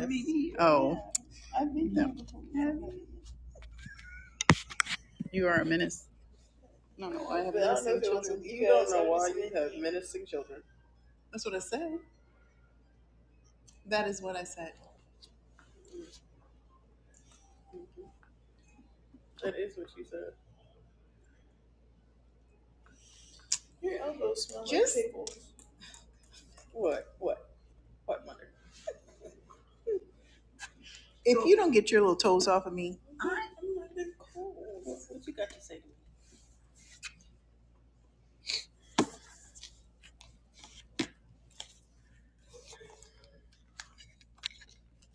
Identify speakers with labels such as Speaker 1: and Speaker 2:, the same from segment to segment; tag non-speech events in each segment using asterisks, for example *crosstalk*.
Speaker 1: I mean, Oh, no. You are a menace. No, no, I have menacing children. You don't know why you have menacing children. That's what I said. That is what I said. That is what you said. Your elbows smell like Just, pickles. What? What? What, mother? If you don't get your little toes off of me, I am not been cold. What you got to say to me?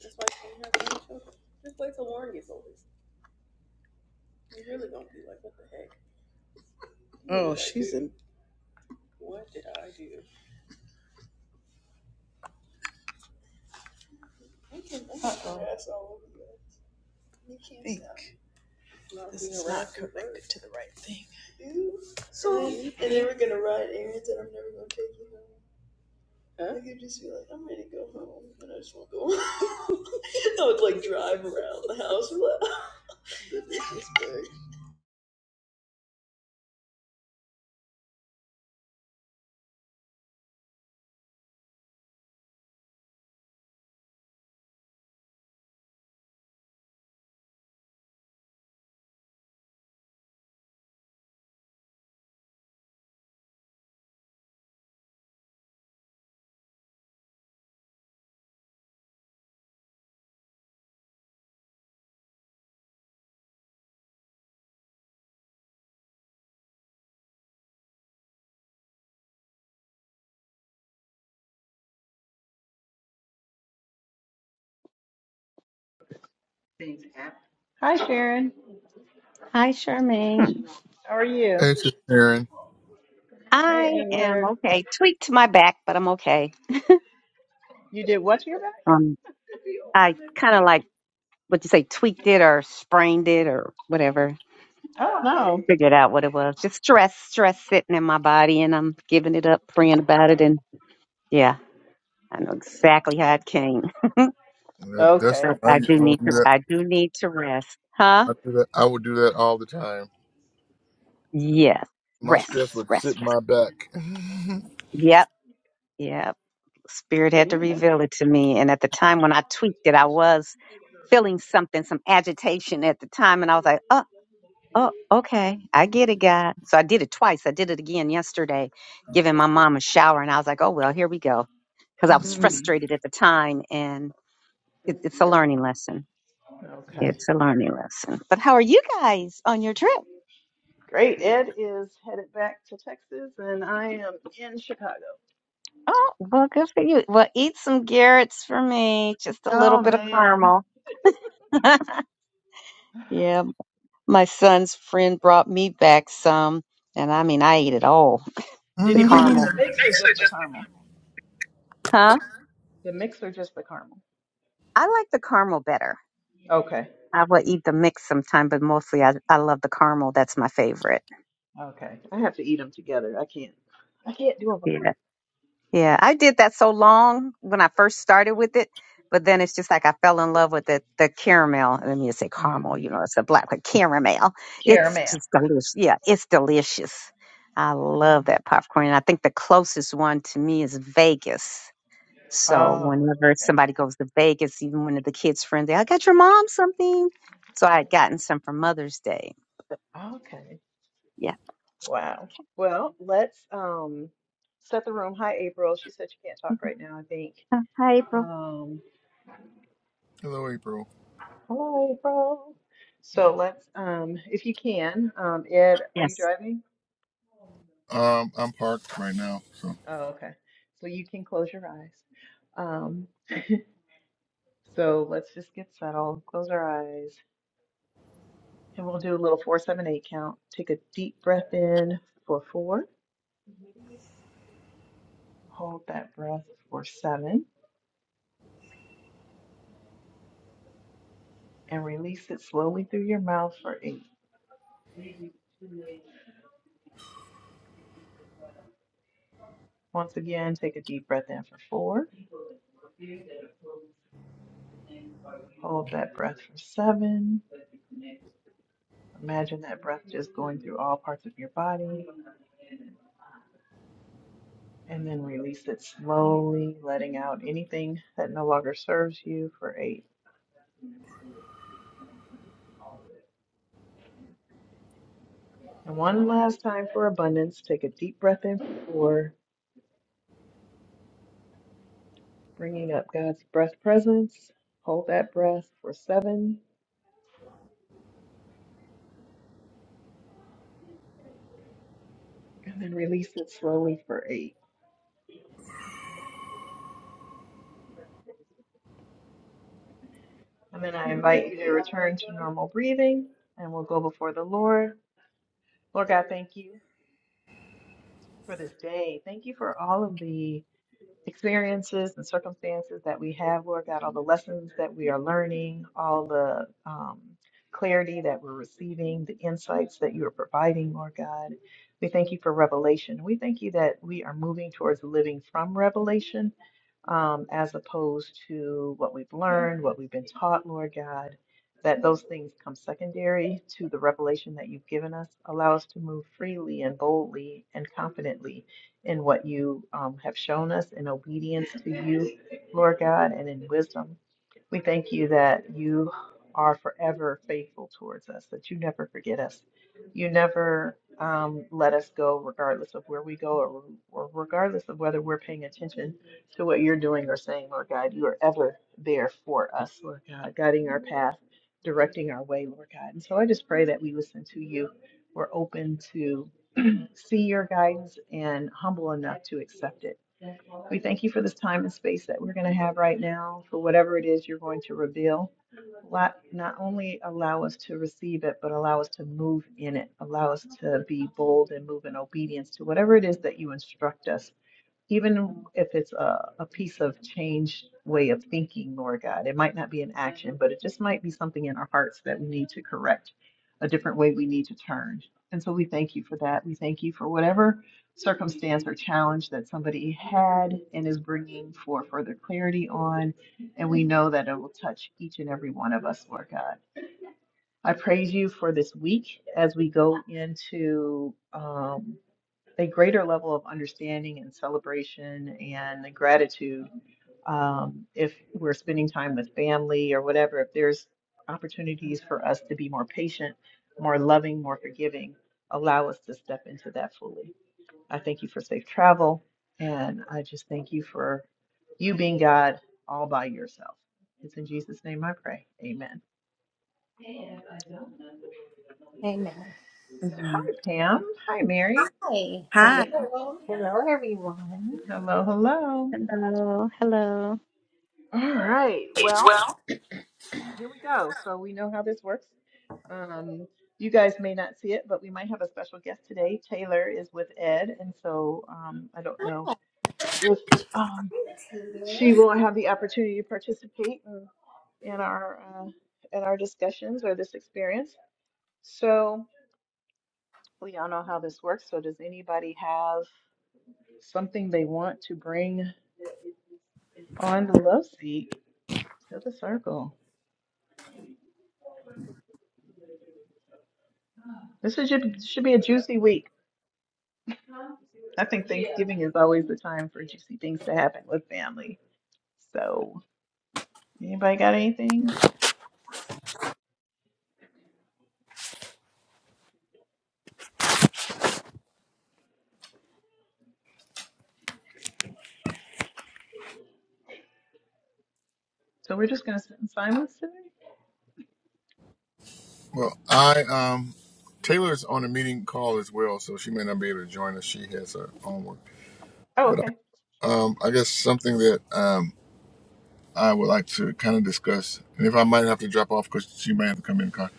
Speaker 1: That's why you can't have any children. Just wait till Lauren gets older. You really don't be like, what the heck? Oh, she's in. What did I do? I can, not can Uh-oh. all over you. You can't not This being is around not connected to the right thing. Ew. So and then we're gonna ride errands and I'm never gonna take you home. Huh? Like you just be like, I'm ready to go home and I just wanna go home. *laughs* I would like drive around the house like *laughs* Hi, Sharon.
Speaker 2: Hi, Hmm. Charmaine.
Speaker 1: How are you?
Speaker 3: Hey, Sister Karen.
Speaker 2: *laughs*
Speaker 1: Hey,
Speaker 2: I
Speaker 1: and
Speaker 2: am
Speaker 1: we're
Speaker 2: okay. Tweaked my back, but I'm okay.
Speaker 1: you did what to your back?
Speaker 2: Um, I kind of like what you say, tweaked it or sprained it or whatever.
Speaker 1: Oh no.
Speaker 2: Figured out what it was. Just stress, stress sitting in my body, and I'm giving it up, praying about it, and yeah, I know exactly how it came.
Speaker 3: Yep, That's
Speaker 1: Okay.
Speaker 2: But
Speaker 3: I,
Speaker 2: I do
Speaker 3: I
Speaker 2: need
Speaker 3: would do
Speaker 2: to,
Speaker 3: that.
Speaker 2: I do need to rest, huh?
Speaker 3: I do that. I would do that all the time.
Speaker 2: Yes,
Speaker 3: My
Speaker 2: rest,
Speaker 3: stress would
Speaker 2: rest,
Speaker 3: sit
Speaker 2: rest.
Speaker 3: my back. *laughs*
Speaker 2: Yep, yep. Spirit
Speaker 1: Yeah,
Speaker 2: had to
Speaker 1: you did.
Speaker 2: reveal it to me. And at the time when I tweaked it, I was feeling something, some agitation at the time. And I was like, oh, oh, okay. I get it, God. So I did it twice. I did it again yesterday, giving my mom a shower. And I was like, oh, well, here we go. Because I was
Speaker 1: Mm,
Speaker 2: frustrated at the time. And it, it's a learning lesson.
Speaker 1: okay.
Speaker 2: It's a learning lesson. But how are you guys on your trip?
Speaker 1: Great. Ed is headed back to Texas, and I am in Chicago.
Speaker 2: Oh, well, good for you. Well, eat some Garrett's for me. Just a little
Speaker 1: Oh
Speaker 2: bit of
Speaker 1: man.
Speaker 2: caramel. *laughs*
Speaker 1: *sighs*
Speaker 2: yeah, My son's friend brought me back some, and I mean, I ate it all.
Speaker 1: Did
Speaker 2: The
Speaker 1: he bring you in
Speaker 2: caramel.
Speaker 1: the
Speaker 3: Hello,
Speaker 1: mix or just the caramel?
Speaker 2: Huh?
Speaker 1: The mix or just the caramel?
Speaker 2: I like the caramel better.
Speaker 1: Okay.
Speaker 2: I will eat the mix sometime, but mostly I, I love the caramel. That's my favorite.
Speaker 1: Okay. I have to eat them together. I can't. I can't do them
Speaker 2: Yeah.
Speaker 1: apart.
Speaker 2: Yeah. I did that so long when I first started with it, but then it's just like I fell in love with the, the caramel. Let me just say caramel, you
Speaker 1: Mm-hmm.
Speaker 2: know, it's a black one. Caramel. It's
Speaker 1: Caramel.
Speaker 2: just delicious. Yeah, it's delicious. I
Speaker 1: Mhm.
Speaker 2: love that popcorn. And I think the closest one to me is Vegas So
Speaker 1: Oh,
Speaker 2: whenever somebody
Speaker 1: okay.
Speaker 2: goes to Vegas, even one of the kids' friends, they, I got your mom something. So I had gotten some for Mother's Day. But
Speaker 1: Okay.
Speaker 2: yeah.
Speaker 1: Wow. Well, let's um set the room. Hi, April. She said she can't talk right now, I think.
Speaker 2: Hi, April.
Speaker 1: Um,
Speaker 3: April.
Speaker 1: hello, April. So let's um if you can, um Ed, are you
Speaker 2: Yes.
Speaker 1: driving?
Speaker 3: Um, I'm parked right now. So,
Speaker 1: Oh, okay. So you can close your eyes. Um, So let's just get settled, close our eyes, and we'll do a little four, seven, eight count. Take a deep breath in for four, hold that breath for seven, and release it slowly through your mouth for eight. Once again, take a deep breath in for four, hold that breath for seven. Imagine that breath just going through all parts of your body, and then release it slowly, letting out anything that no longer serves you for eight. And one last time for abundance, take a deep breath in for four bringing up God's breath presence. Hold that breath for seven and then release it slowly for eight. And then I invite you to return to normal breathing and we'll go before the Lord. Lord God, thank you for this day. Thank you for all of the experiences and circumstances that we have, Lord God, all the lessons that we are learning, all the um, clarity that we're receiving, the insights that you are providing, Lord God. We thank you for revelation. We thank you that we are moving towards living from revelation um, as opposed to what we've learned, what we've been taught, Lord God, that those things come secondary to the revelation that you've given us. Allow us to move freely and boldly and confidently in what you um, have shown us in obedience to you, Lord God, and in wisdom we thank you that you are forever faithful towards us, that you never forget us. You never um, let us go, regardless of where we go or, or regardless of whether we're paying attention to what you're doing or saying, Lord God. You are ever there for us, Lord God, guiding our path, directing our way, Lord God. And so I just pray that we listen to you. We're open to see your guidance and humble enough to accept it. We thank you for this time and space that we're going to have right now for whatever it is you're going to reveal. Lot- Not only allow us to receive it, but allow us to move in it. Allow us to be bold and move in obedience to whatever it is that you instruct us even if it's a, a piece of changed way of thinking, Lord God, it might not be an action, but it just might be something in our hearts that we need to correct, a different way we need to turn. And so we thank you for that. We thank you for whatever circumstance or challenge that somebody had and is bringing for further clarity on. And we know that it will touch each and every one of us, Lord God. I praise you for this week as we go into. um, a greater level of understanding and celebration and gratitude um, if we're spending time with family or whatever, if there's opportunities for us to be more patient, more loving, more forgiving, allow us to step into that fully. I thank you for safe travel, and I just thank you for you being God all by yourself. It's in Jesus' name I pray. Amen.
Speaker 4: Amen.
Speaker 1: Hi,
Speaker 5: Amen.
Speaker 1: Pam. Hi, Mary.
Speaker 4: Hi.
Speaker 5: Hi.
Speaker 4: Hello. Hello, everyone.
Speaker 1: Hello, hello.
Speaker 2: And hello. Hello.
Speaker 1: All right. Well,
Speaker 4: Well,
Speaker 1: here we go. So we know how this works. Um, you guys may not see it, but we might have a special guest today. Taylor is with Ed, and so um, I don't know if um,
Speaker 4: Peter.
Speaker 1: she will have the opportunity to participate in, in our uh, in our discussions or this experience. So we all know how this works. So does anybody have something they want to bring on the love seat to the circle? This is, should should be a juicy week. I think Yeah. Thanksgiving is always the time for juicy things to happen with family. So, anybody got anything? So we're just gonna sit in silence today?
Speaker 3: well, I um, Taylor's on a meeting call as well, so she may not be able to join us. She has her own work,
Speaker 1: Oh,
Speaker 3: but
Speaker 1: okay.
Speaker 3: I, um, I guess something that um, I would like to kind of discuss, and if I might have to drop off because she may have to come in the car,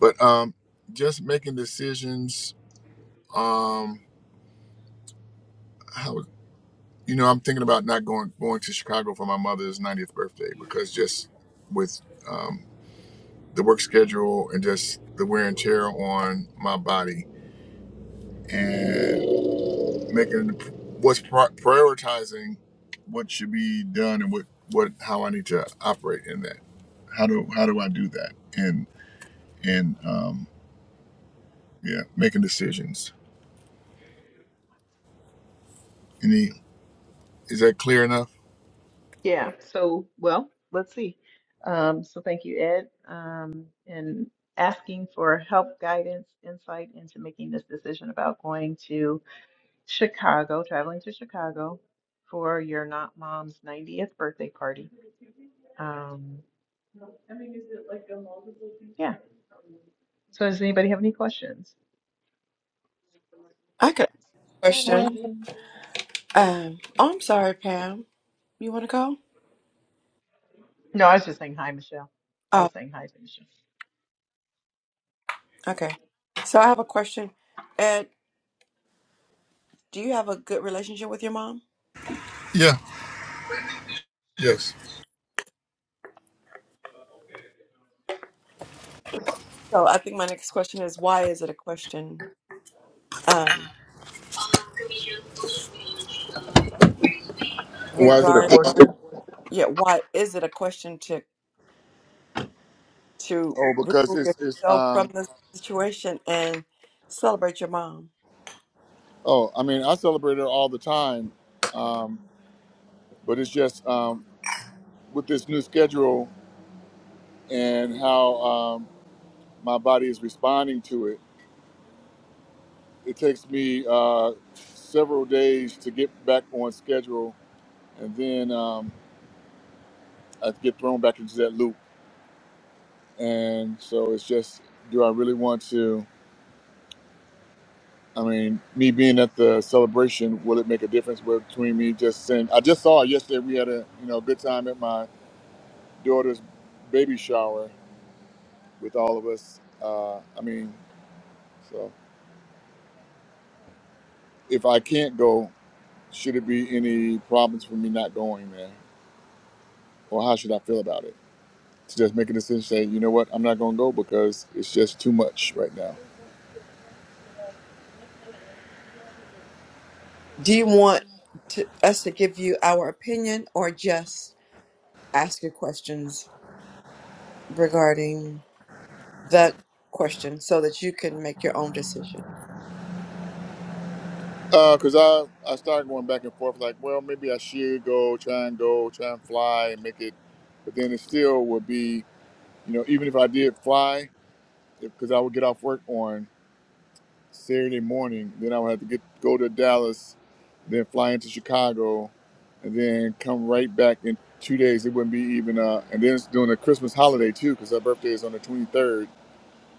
Speaker 3: but um, just making decisions. Um, how. You know, I'm thinking about not going going to Chicago for my mother's 90th birthday because just with um, the work schedule and just the wear and tear on my body and making what's pri prioritizing what should be done and what what how I need to operate in that. How do how do I do that? And and um, yeah, making decisions. Any is that clear enough?
Speaker 1: Yeah. So, well, let's see. Um, so thank you, Ed, um, in asking for help, guidance, insight into making this decision about going to Chicago, traveling to Chicago for your not mom's 90th birthday party. Um, yeah. So does anybody have any questions?
Speaker 5: I could
Speaker 1: Hi,
Speaker 4: When
Speaker 5: question.
Speaker 1: Michelle.
Speaker 5: Um, oh, I'm sorry, Pam. You want to go?
Speaker 1: No, I was just saying hi, Michelle. I
Speaker 5: Oh,
Speaker 1: was saying hi to Michelle.
Speaker 5: okay. So I have a question. Ed, do you have a good relationship with your mom?
Speaker 3: Yeah. Yes.
Speaker 5: So I think my next question is why is it a question? Um,
Speaker 3: Why is it a
Speaker 5: regard,
Speaker 3: question?
Speaker 5: yeah, why is it a question to to
Speaker 3: Oh, because
Speaker 5: remove
Speaker 3: it's it's
Speaker 5: yourself
Speaker 3: um
Speaker 5: from this situation and celebrate your mom?
Speaker 3: Oh, I mean, I celebrate it all the time, um, but it's just um, with this new schedule and how um, my body is responding to it. It takes me uh, several days to get back on schedule, and then um, I get thrown back into that loop. And so it's just, do I really want to? I mean, me being at the celebration, will it make a difference between me just saying? I just saw yesterday we had a you know good time at my daughter's baby shower, with all of us. Uh, I mean, so if I can't go, should it be any problems for me not going there, or how should I feel about it? To just make a decision, say, you know what, I'm not going to go because it's just too much right now.
Speaker 5: Do you want to, us to give you our opinion or just ask you questions regarding? that question so that you can make your own decision.
Speaker 3: Because I I started going back and forth, like, well, maybe I should go, try and go, try and fly and make it, but then it still would be, you know, even if I did fly, because I would get off work on. Saturday morning. Then I would have to get go to Dallas, then fly into Chicago, and then come right back in two days. It wouldn't be even. Uh, and then it's during the Christmas holiday too, because our birthday is on the 23rd.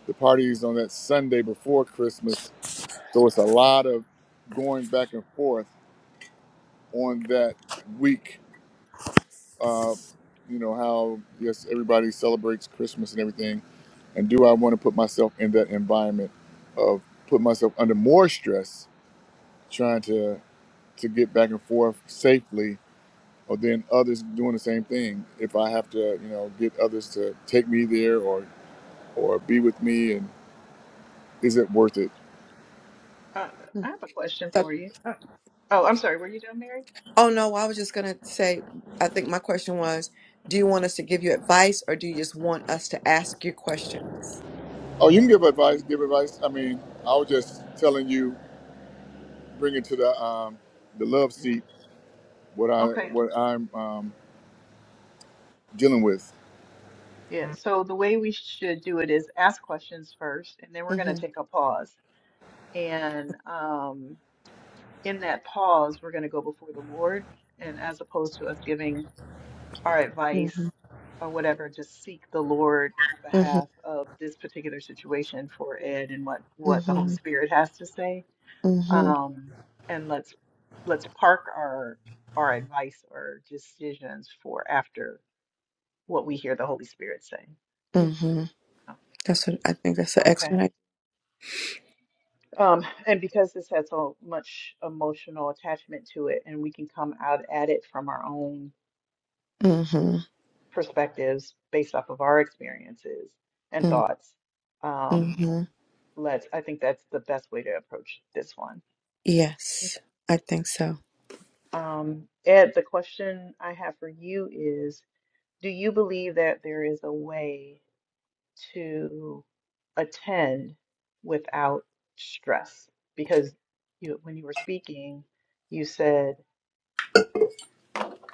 Speaker 3: The party is on that Sunday before Christmas, so it's a lot of going back and forth on that week. Uh, you know how yes, everybody celebrates Christmas and everything. And do I want to put myself in that environment of put myself under more stress trying to to get back and forth safely, or then others doing the same thing. If I have to, you know, get others to take me there or or be with me, and is it worth it?
Speaker 1: Uh,
Speaker 5: Hmm.
Speaker 1: I have a question
Speaker 5: So
Speaker 1: for you. Oh, I'm sorry. Were you done, Mary?
Speaker 5: Oh no, I was just gonna say, I think my question was, do you want us to give you advice or do you just want us to ask you questions?
Speaker 3: Oh, you can give advice. Give advice. I mean, I was just telling you, bring it to the um, the love
Speaker 1: Yeah.
Speaker 3: seat. What I
Speaker 1: Okay.
Speaker 3: what I'm um, dealing with.
Speaker 1: Yeah. So the way we should do it is ask questions first, and then we're going to
Speaker 5: Mm-hmm.
Speaker 1: take a pause. And um, in that pause, we're going to go before the Lord. And as opposed to us giving our
Speaker 5: Mm-hmm.
Speaker 1: advice or whatever, just seek the Lord on
Speaker 5: Mm-hmm.
Speaker 1: behalf of this particular situation for Ed and what, what the Holy
Speaker 5: Mm-hmm.
Speaker 1: Spirit has to say
Speaker 5: Mm-hmm.
Speaker 1: Um, and let's let's park our our advice or decisions for after what we hear the Holy Spirit saying.
Speaker 5: mm-hmm. That's what I think that's an
Speaker 1: Okay.
Speaker 5: excellent idea.
Speaker 1: Um, and because this has so much emotional attachment to it, and we can come out at it from our own
Speaker 5: Mm-hmm.
Speaker 1: perspectives based off of our experiences and thoughts, um,
Speaker 5: Mm-hmm.
Speaker 1: let's, I think that's the best way to approach this one.
Speaker 5: Yes, I think so.
Speaker 1: Um, Ed, the question I have for you is Do you believe that there is a way to attend without stress? Because you, when you were speaking, you said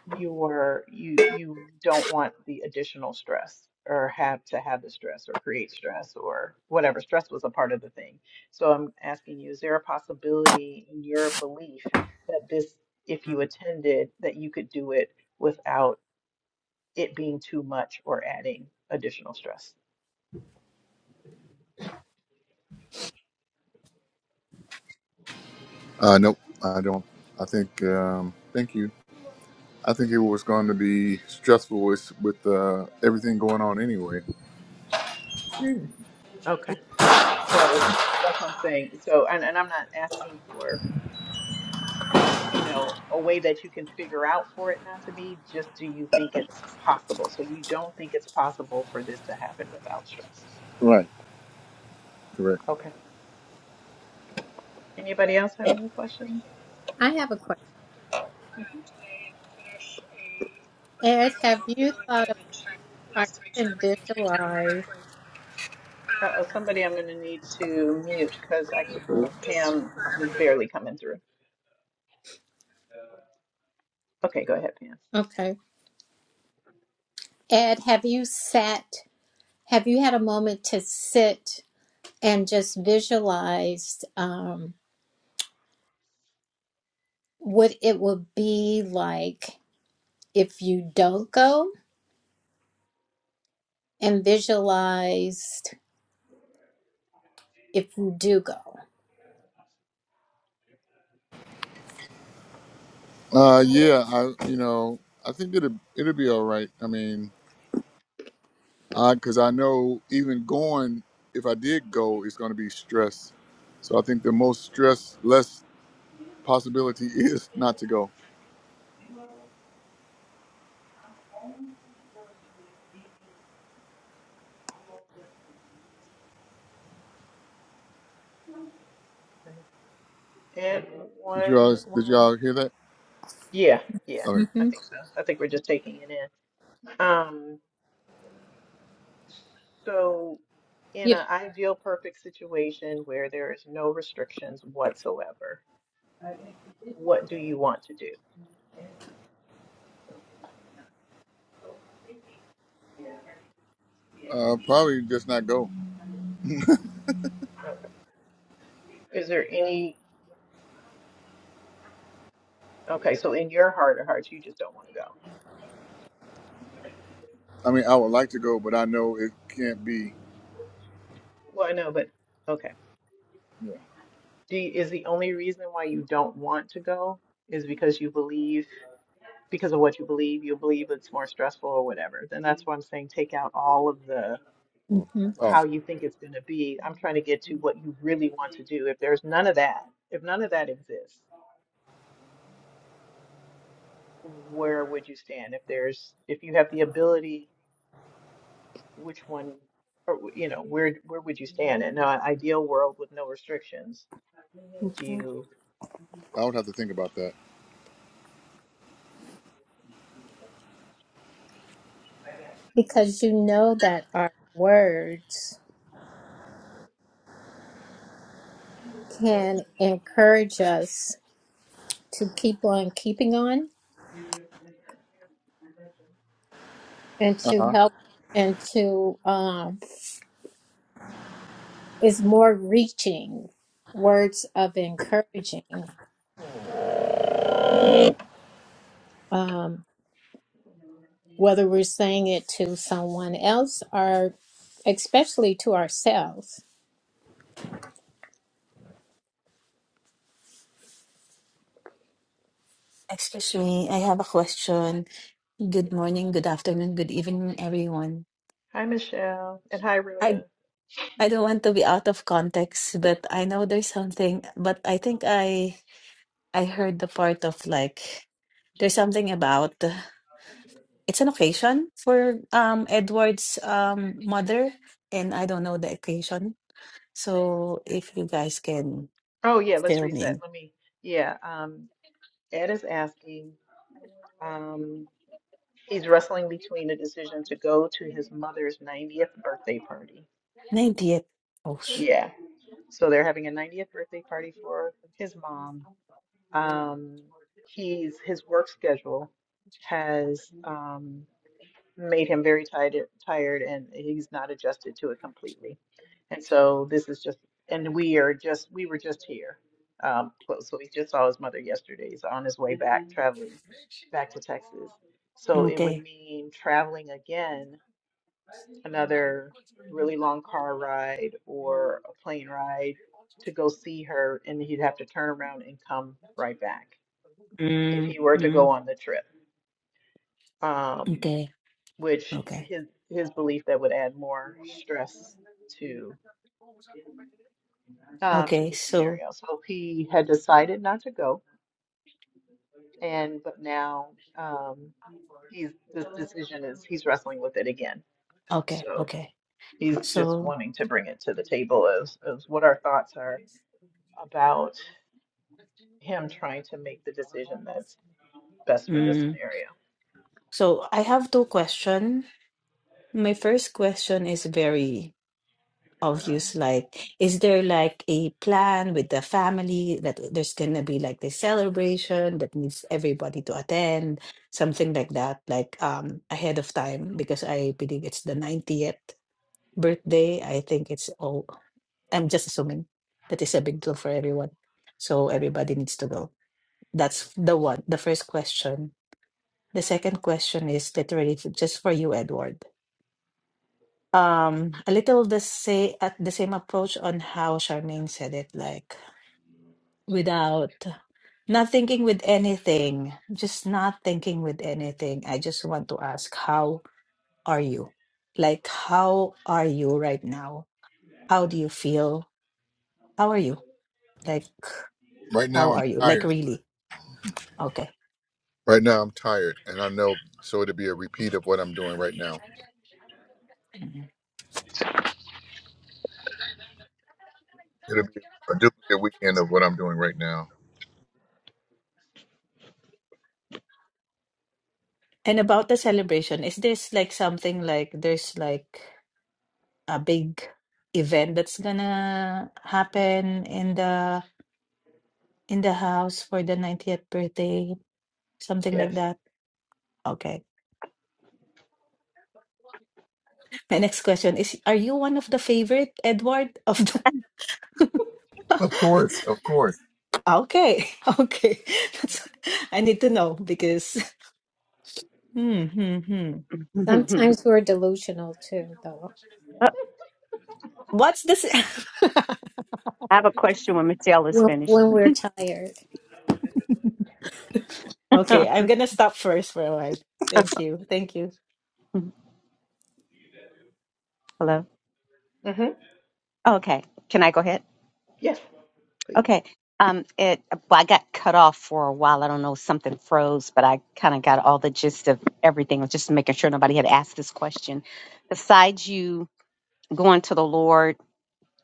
Speaker 1: you were you you don't want the additional stress or have to have the stress or create stress or whatever stress was a part of the thing. So I'm asking you, is there a possibility in your belief that this, if you attended, that you could do it without it being too much or adding additional stress?
Speaker 3: Uh, nope, I don't. I think. Um, thank you. I think it was going to be stressful with with uh, everything going on anyway.
Speaker 4: Hmm.
Speaker 1: Okay. So that's what I'm saying. So, and, and I'm not asking for, you know, a way that you can figure out for it not to be, just do you think it's possible? So you don't think it's possible for this to happen without stress.
Speaker 3: Right. Correct.
Speaker 1: Okay. Anybody else have any questions?
Speaker 4: I have a question, Ed, have you thought of or even visualized?
Speaker 1: uh somebody I'm going to need to mute because I, Pam is barely coming through. Okay, go ahead, Pam.
Speaker 4: Okay, Ed, have you sat? Have you had a moment to sit and just visualize um, what it would be like if you don't go, and visualized if you do go?
Speaker 3: Uh, yeah, I you know I think it'll it'll be all right. I mean, I because I know even going, if I did go, it's going to be stress. So I think the most stress less possibility *laughs* is not to go.
Speaker 1: Okay. It
Speaker 3: Did you all
Speaker 1: one
Speaker 3: did you
Speaker 1: one
Speaker 3: all hear that?
Speaker 1: Yeah, yeah,
Speaker 3: Okay.
Speaker 1: I
Speaker 4: Mm-hmm.
Speaker 1: think so. I think we're just taking it in. Um, so in
Speaker 4: Yep.
Speaker 1: an ideal perfect situation where there is no restrictions whatsoever, what do you want to do?
Speaker 3: Uh, probably just not go.
Speaker 1: Is there any, okay, so in your heart of hearts, you just don't want to go.
Speaker 3: I mean, I would like to go, but I know it can't be.
Speaker 1: Well, I know, but okay.
Speaker 3: Yeah.
Speaker 1: Do you, is the only reason why you don't want to go is because you believe? because of what you believe, you believe it's more stressful or whatever, then that's why I'm saying take out all of the
Speaker 4: Mm-hmm.
Speaker 3: Oh,
Speaker 1: how you think it's going to be. I'm trying to get to what you really want to do. If there's none of that, if none of that exists, where would you stand? If there's, if you have the ability, which one, or, you know, where where would you stand in an ideal world with no restrictions? Do you?
Speaker 3: I would have to think about that.
Speaker 4: because you know that our words can encourage us to keep on keeping on and
Speaker 3: Uh
Speaker 4: to
Speaker 3: huh.
Speaker 4: help and to um, is more reaching words of encouraging um, whether we're saying it to someone else or especially to ourselves
Speaker 6: Excuse me, I have a question. Good morning, good afternoon, good evening, everyone.
Speaker 1: Hi Michelle and hi
Speaker 6: I
Speaker 1: Rhoda.
Speaker 6: I don't want to be out of context, but I know there's something, but I think I I heard the part of like there's something about uh, it's an occasion for um Edward's um mother, and I don't know the occasion. So if you guys can
Speaker 1: Oh yeah, let's
Speaker 6: fill me in.
Speaker 1: reset. Let me. Yeah. Um, Ed is asking. Um, He's wrestling between a decision to go to his mother's 90th birthday party.
Speaker 6: 90th. Oh, sh-
Speaker 1: Yeah. So they're having a 90th birthday party for his mom. Um, he's his work schedule has um, made him very tired, tired, and he's not adjusted to it completely. And so this is just, and we are just, we were just here. Um, close. So he just saw his mother yesterday. He's on his way back, traveling back to Texas. So it would
Speaker 6: okay.
Speaker 1: mean traveling again another really long car ride or a plane ride to go see her, and he'd have to turn around and come right back if
Speaker 6: Mm,
Speaker 1: he were to go
Speaker 6: mm,
Speaker 1: on the trip. Um,
Speaker 6: okay.
Speaker 1: which
Speaker 6: Okay.
Speaker 1: his his belief that would add more stress to um, to
Speaker 6: Okay.
Speaker 1: the
Speaker 6: So
Speaker 1: scenario. So he had decided not to go, and but now um, he's this decision is he's wrestling with it again.
Speaker 6: Okay,
Speaker 1: So
Speaker 6: okay.
Speaker 1: he's just
Speaker 6: So,
Speaker 1: wanting to bring it to the table as as what our thoughts are about him trying to make the decision that's best for this
Speaker 6: mm,
Speaker 1: scenario.
Speaker 6: so I have two questions. My first question is very obvious. Like, is there like a plan with the family that there's gonna be like the celebration that needs everybody to attend, something like that, like um ahead of time? Because I believe it's the 90th birthday. I think it's all, I'm just assuming that it's a big deal for everyone. So everybody needs to go. That's the one, the first question. The second question is literally f- just for you, Edward. Um, a little the say at the same approach on how Charmaine said it, like without not thinking with anything, just not thinking with anything. I just want to ask, how are you? Like, how are you right now? How do you feel? How are you? Like,
Speaker 3: Right
Speaker 6: how
Speaker 3: now, I'm
Speaker 6: are you? Like,
Speaker 3: tired.
Speaker 6: really? Okay.
Speaker 3: Right now, I'm tired, and I know so it'll be a repeat of what I'm doing right now.
Speaker 6: Mhm.
Speaker 3: It'll be a duplicate weekend of what I'm doing right now.
Speaker 6: And about the celebration, is this like something like there's like a big event that's gonna happen in the in the house for the 90th birthday, something like
Speaker 1: Yes.
Speaker 6: that. Okay. *laughs* My next question is: Are you one of the favorite Edward of the?
Speaker 2: *laughs*
Speaker 6: *laughs*
Speaker 3: Of course, of course.
Speaker 6: okay, *laughs* okay. *laughs* That's, I need to know because. *laughs* Hmm, hmm, hmm.
Speaker 4: sometimes we're delusional too though
Speaker 6: What's this?
Speaker 2: I have a question when Mattel is
Speaker 4: when,
Speaker 2: finished.
Speaker 4: when we're tired
Speaker 6: *laughs*
Speaker 2: *laughs*
Speaker 6: okay,
Speaker 2: hello.
Speaker 6: I'm gonna stop first for a while. Thank you, thank you.
Speaker 2: Oh,
Speaker 1: Mm-hmm.
Speaker 2: Okay. Can I go ahead?
Speaker 1: Yes, please.
Speaker 2: Okay. Um, it, well, I got cut off for a while. I don't know, something froze, but I kind of got all the gist of everything. I was just making sure nobody had asked this question. Besides you going to the Lord,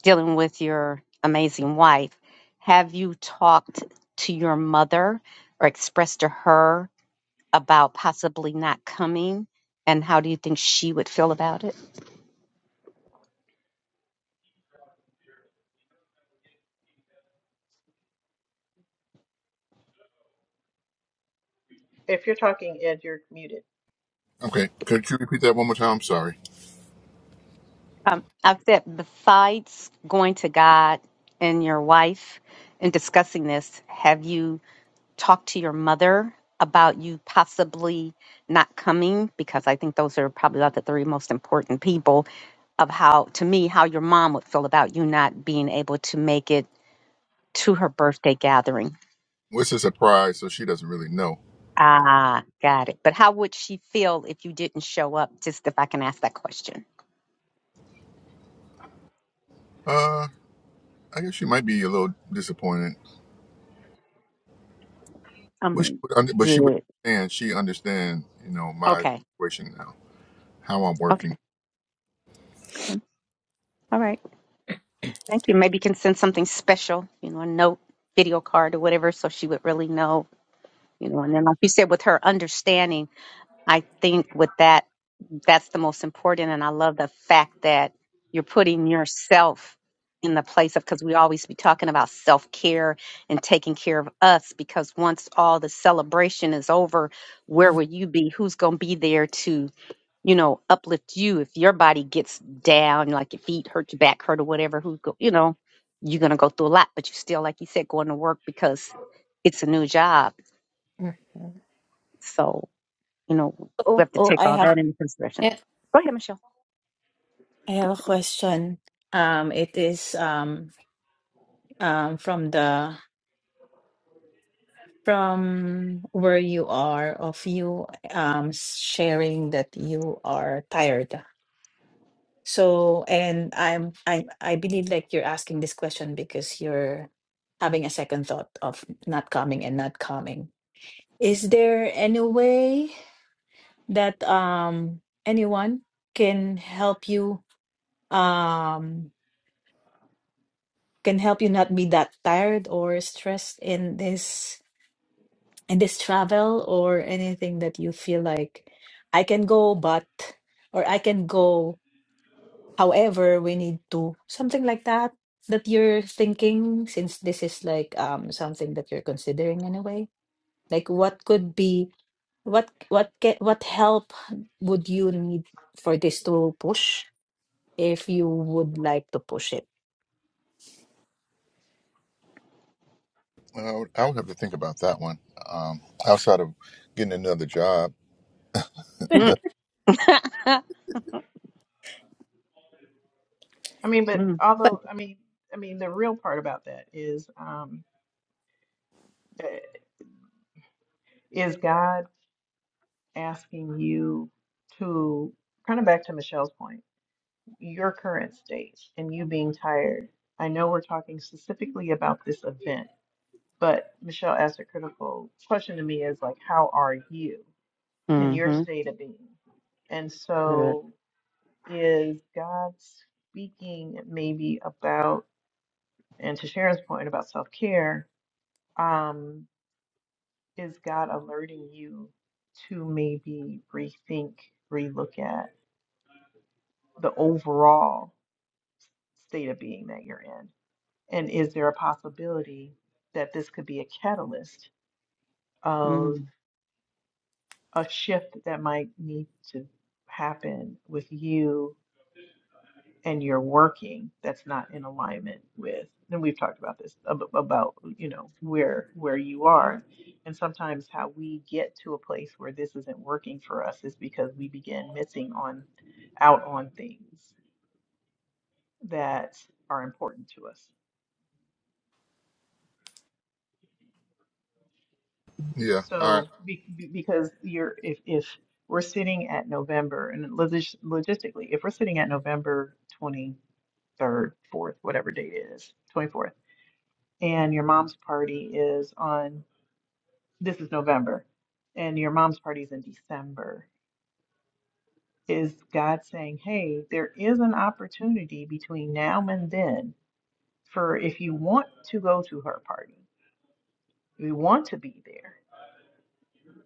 Speaker 2: dealing with your amazing wife, have you talked to your mother or expressed to her about possibly not coming? And how do you think she would feel about it?
Speaker 1: If you're talking, Ed, you're muted.
Speaker 3: Okay, could you repeat that one more time? I'm sorry.
Speaker 2: Um, I've said, besides going to God and your wife and discussing this, have you? talk to your mother about you possibly not coming because I think those are probably about the three most important people of how to me how your mom would feel about you not being able to make it to her birthday gathering.
Speaker 3: Well, It's a surprise, so she doesn't really know.
Speaker 2: Ah, got it. But how would she feel if you didn't show up? Just if I can ask that question.
Speaker 3: Uh, I guess she might be a little disappointed,
Speaker 2: I
Speaker 3: but she
Speaker 2: mean,
Speaker 3: would, under, but she would
Speaker 2: did
Speaker 3: understand. She understand, you know, my
Speaker 2: okay,
Speaker 3: situation now, how I'm working.
Speaker 2: okay, okay. all right. Thank you. Maybe you can send something special, you know, a note, video card, or whatever, so she would really know, you know. And then, like you said, with her understanding I think with that, that's the most important. And I love the fact that you're putting yourself in the place of, because we always be talking about self care and taking care of us, because once all the celebration is over, where will you be? Who's going to be there to, you know, uplift you if your body gets down, like your feet hurt, your back hurt, or whatever? Who go, you know, you're going to go through a lot, but you still, like you said, going to work because it's a new job.
Speaker 4: Mhm.
Speaker 2: So, you know, we
Speaker 6: Oh,
Speaker 2: have to
Speaker 6: oh,
Speaker 2: take
Speaker 6: I
Speaker 2: all
Speaker 6: have,
Speaker 2: that into consideration.
Speaker 4: And-
Speaker 2: Go ahead, Michelle.
Speaker 6: I have a question. Um, it is um, um, from the from where you are of you um sharing that you are tired so and i'm i i believe like you're asking this question because you're having a second thought of not coming and not coming is there any way that um anyone can help you um can help you not be that tired or stressed in this in this travel or anything that you feel like I can go, but or I can go, however, we need to something like that that you're thinking since this is like um something that you're considering in a way. Like what could be what what ca- what help would you need for this to push if you would like to push it?
Speaker 3: Uh, I would, I would have to think about that one. Um, outside of getting another job, that
Speaker 2: *laughs*
Speaker 1: I mean, but
Speaker 2: Mm.
Speaker 4: but
Speaker 1: although I mean, I mean, the real part about that is, um, eh, is God asking you to kind of back to Michelle's point, your current state and you being tired. I know we're talking specifically about this event, but Michelle asked a critical question to me is like, how are you?
Speaker 2: *laughs*
Speaker 1: and your
Speaker 2: mm-hmm.
Speaker 1: state of being. And
Speaker 2: Good.
Speaker 1: so, is God speaking maybe about, and to Sharon's point about self care, um, is God alerting you to maybe rethink, relook at the overall state of being that you're in? And is there a possibility that this could be a catalyst of a shift that might need to happen with you and you're working that's not in alignment with and we've talked about this ab- about you know where where you are and sometimes how we get to a place where this isn't working for us is because we begin missing on out on things that are important to us
Speaker 3: yeah, all right.
Speaker 1: so be, be- because you're if if we're sitting at November and logis- logistically if we're sitting at November 23rd 4th whatever date it is 24th and your mom's party is on this is November and your mom's party's in December, is God saying, hey, there is an opportunity between now and then for if you want to go to her party, if you want to be there,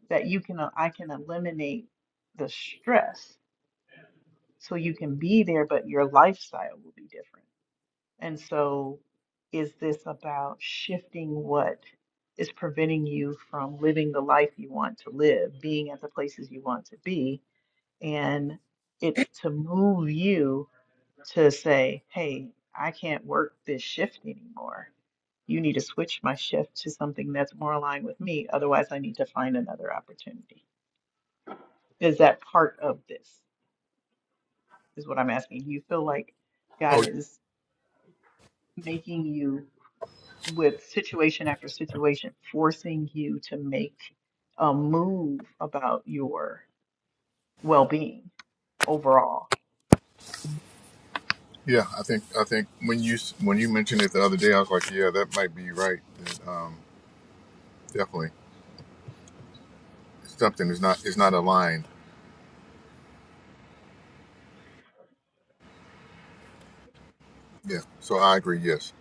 Speaker 1: that you can, I can eliminate the stress so you can be there, but your lifestyle will be different. And so, is this about shifting what is preventing you from living the life you want to live, being at the places you want to be? And it's to move you to say, hey, I can't work this shift anymore. You need to switch my shift to something that's more aligned with me. Otherwise, I need to find another opportunity. Is that part of this? Is what I'm asking. Do you feel like God
Speaker 3: Oh
Speaker 1: is making you with situation after situation, forcing you to make a move about your well being overall?
Speaker 3: yeah, I think I think when you s- when you mentioned it the other day, I was like, yeah, that might be right. That, um, definitely. something is not is not aligned. Yeah, so I agree. Yes,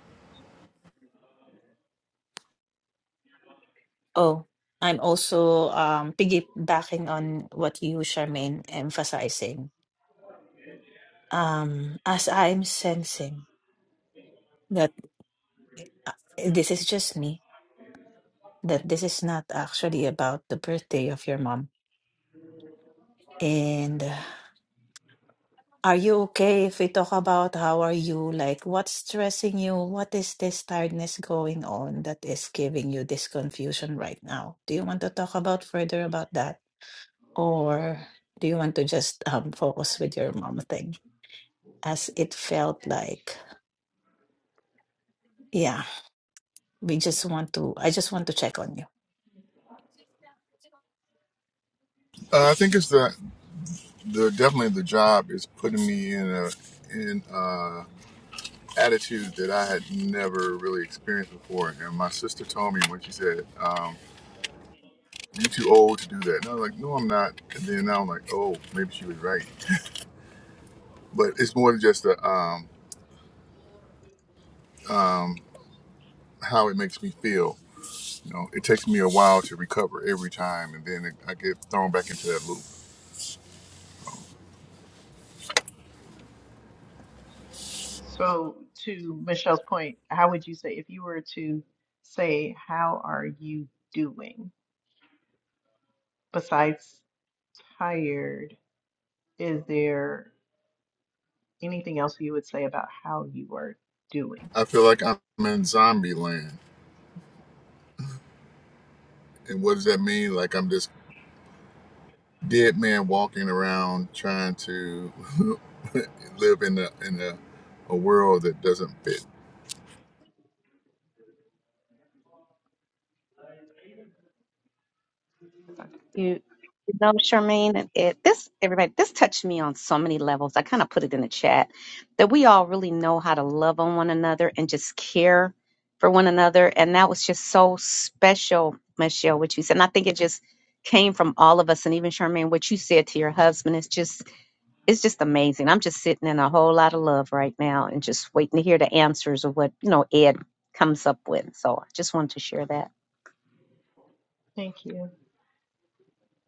Speaker 6: Oh, I'm also um piggybacking on what you, Charmaine, emphasizing um, as I'm sensing that uh, this is just me, that this is not actually about the birthday of your mom. And uh, are you okay if we talk about how are you? Like, what's stressing you? What is this tiredness going on that is giving you this confusion right now? Do you want to talk about further about that? Or do you want to just um, focus with your mom thing? As it felt like, yeah, we just want to, I just want to check on you.
Speaker 3: uh, I think it's the the definitely the job is putting me in a in a attitude that I had never really experienced before. And my sister told me when she said, um, "You too old to do that," and I was like, "No, I'm not." And then now I'm like, "Oh, maybe she was right." But it's more than just the um, how it makes me feel. You know, it takes me a while to recover every time, and then it, I get thrown back into that loop.
Speaker 1: So, to Michelle's point, how would you say if you were to say, How are you doing? Besides tired, is there anything else you would say about how you are doing?
Speaker 3: I feel like I'm in zombie land And what does that mean? Like I'm this dead man walking around trying to *laughs* live in a in a, a world that doesn't fit.
Speaker 2: You, you know, Charmaine, it, this everybody, this touched me on so many levels. I kind of put it in the chat that we all really know how to love on one another and just care for one another, and that was just so special, Michelle, what you said. And I think it just came from all of us, and even Charmaine, what you said to your husband. It's just, it's just amazing. I'm just sitting in a whole lot of love right now, and just waiting to hear the answers of what you know Ed comes up with. So I just wanted to share
Speaker 1: Thank you.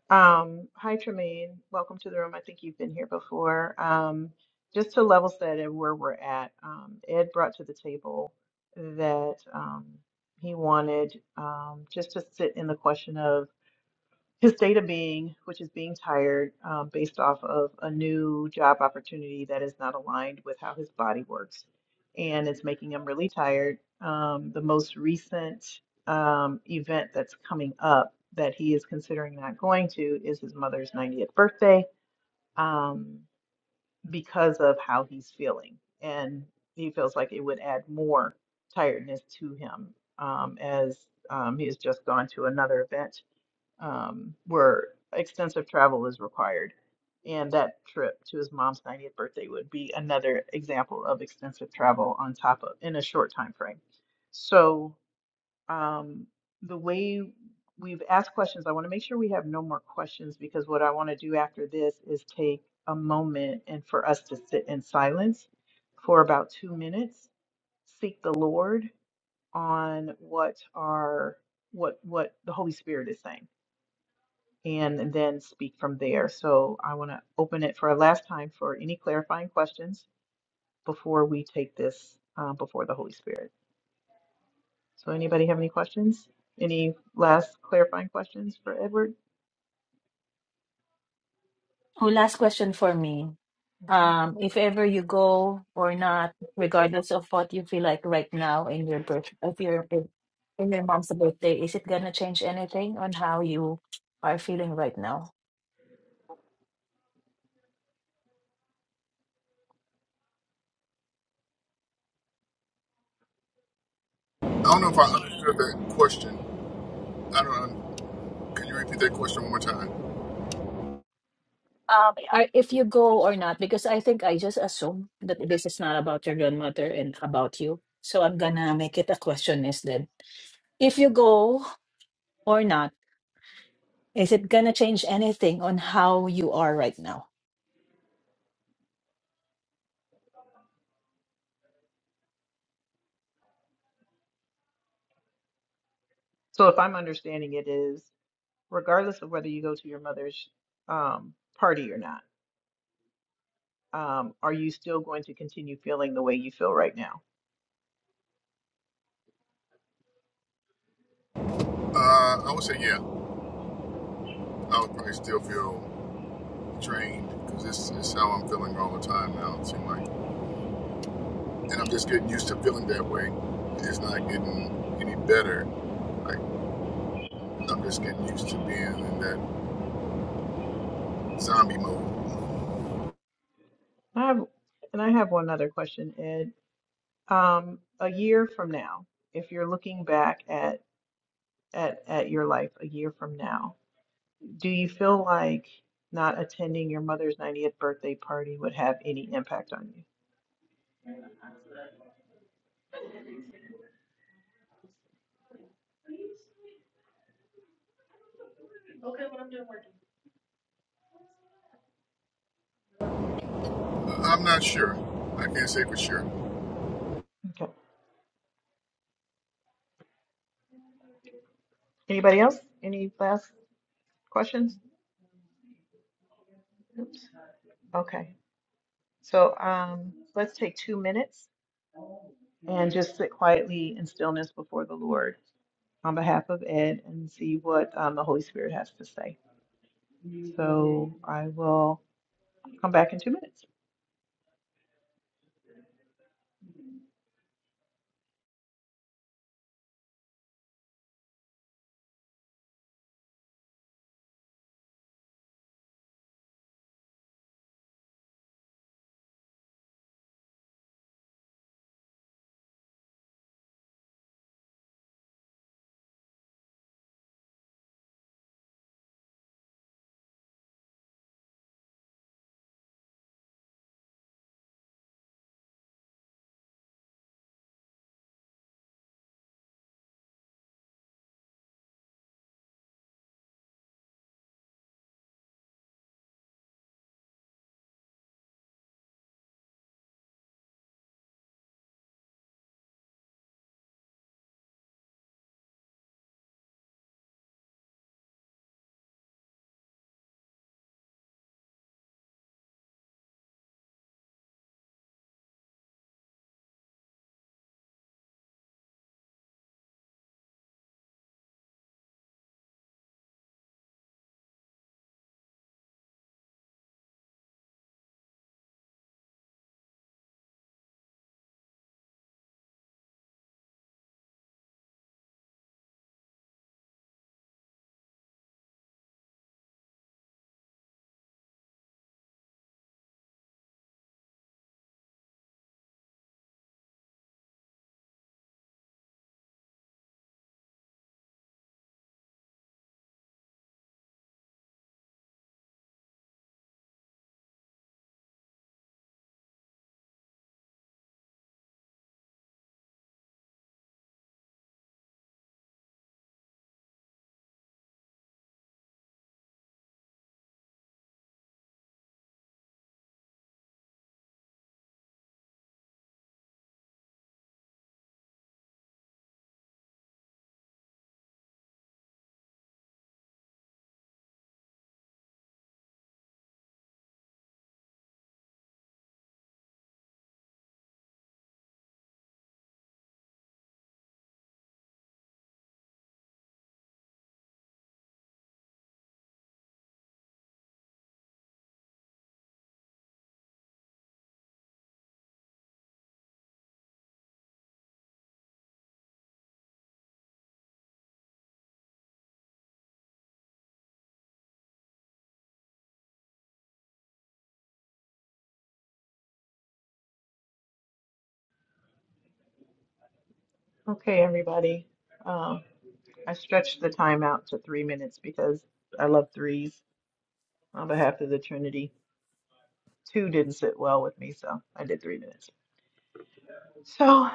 Speaker 1: Um, hi, Tremaine. Welcome to the room. I think you've been here before. Um, just to level set and where we're at, um, Ed brought to the table that um, he wanted um, just to sit in the question of. his state of being, which is being tired, um, based off of a new job opportunity that is not aligned with how his body works. And it's making him really tired. Um, the most recent um, event that's coming up that he is considering not going to is his mother's 90th birthday um, because of how he's feeling. And he feels like it would add more tiredness to him um, as um, he has just gone to another event um, where extensive travel is required. And that trip to his mom's 90th birthday would be another example of extensive travel on top of in a short time frame. So um, the way we've asked questions, I want to make sure we have no more questions because what I want to do after this is take a moment and for us to sit in silence for about two minutes, seek the Lord on what our what what the Holy Spirit is saying and then speak from there. So I want to open it for a last time for any clarifying questions before we take this uh, before the Holy Spirit. So anybody have any questions? Any last clarifying questions for Edward?
Speaker 6: Oh, last question for me.
Speaker 1: Mhm.
Speaker 6: Um, if ever you go or not, regardless of what you feel like right now in your birth, if your in in your mom's birthday, is it gonna change anything on how you are feeling right now?
Speaker 3: I don't know if I understood that question. I don't. Can you repeat that question one more time?
Speaker 6: Um, I, if you go or not, because I think I just assume that this is not about your grandmother and about you. So I'm gonna make it a question instead. If you go or not, is it gonna change anything on how you are right now?
Speaker 1: So if I'm understanding it is, regardless of whether you go to your mother's um, party or not, um, are you still going to continue feeling the way you feel right now?
Speaker 3: Uh, I would say yeah. I would probably still feel drained because this is how I'm feeling all the time now. It seems like, and I'm just getting used to feeling that way. It's not getting any better. Like I'm just getting used to being in that zombie mode.
Speaker 1: I have, and I have one other question, Ed. Um, a year from now, if you're looking back at at at your life a year from now, do you feel like not attending your mother's 90th birthday party would have any impact on you?
Speaker 3: I'm not sure. I can't say for sure.
Speaker 1: Okay. Anybody else? Any last questions? Oops. Okay. So um, let's take two minutes and just sit quietly in stillness before the Lord on behalf of Ed and see what um, the Holy Spirit has to say. So I will come back in two minutes. Okay, everybody. Um, I stretched the time out to three minutes because I love threes on behalf of the Trinity. Two didn't sit well with me, so I did three minutes. So,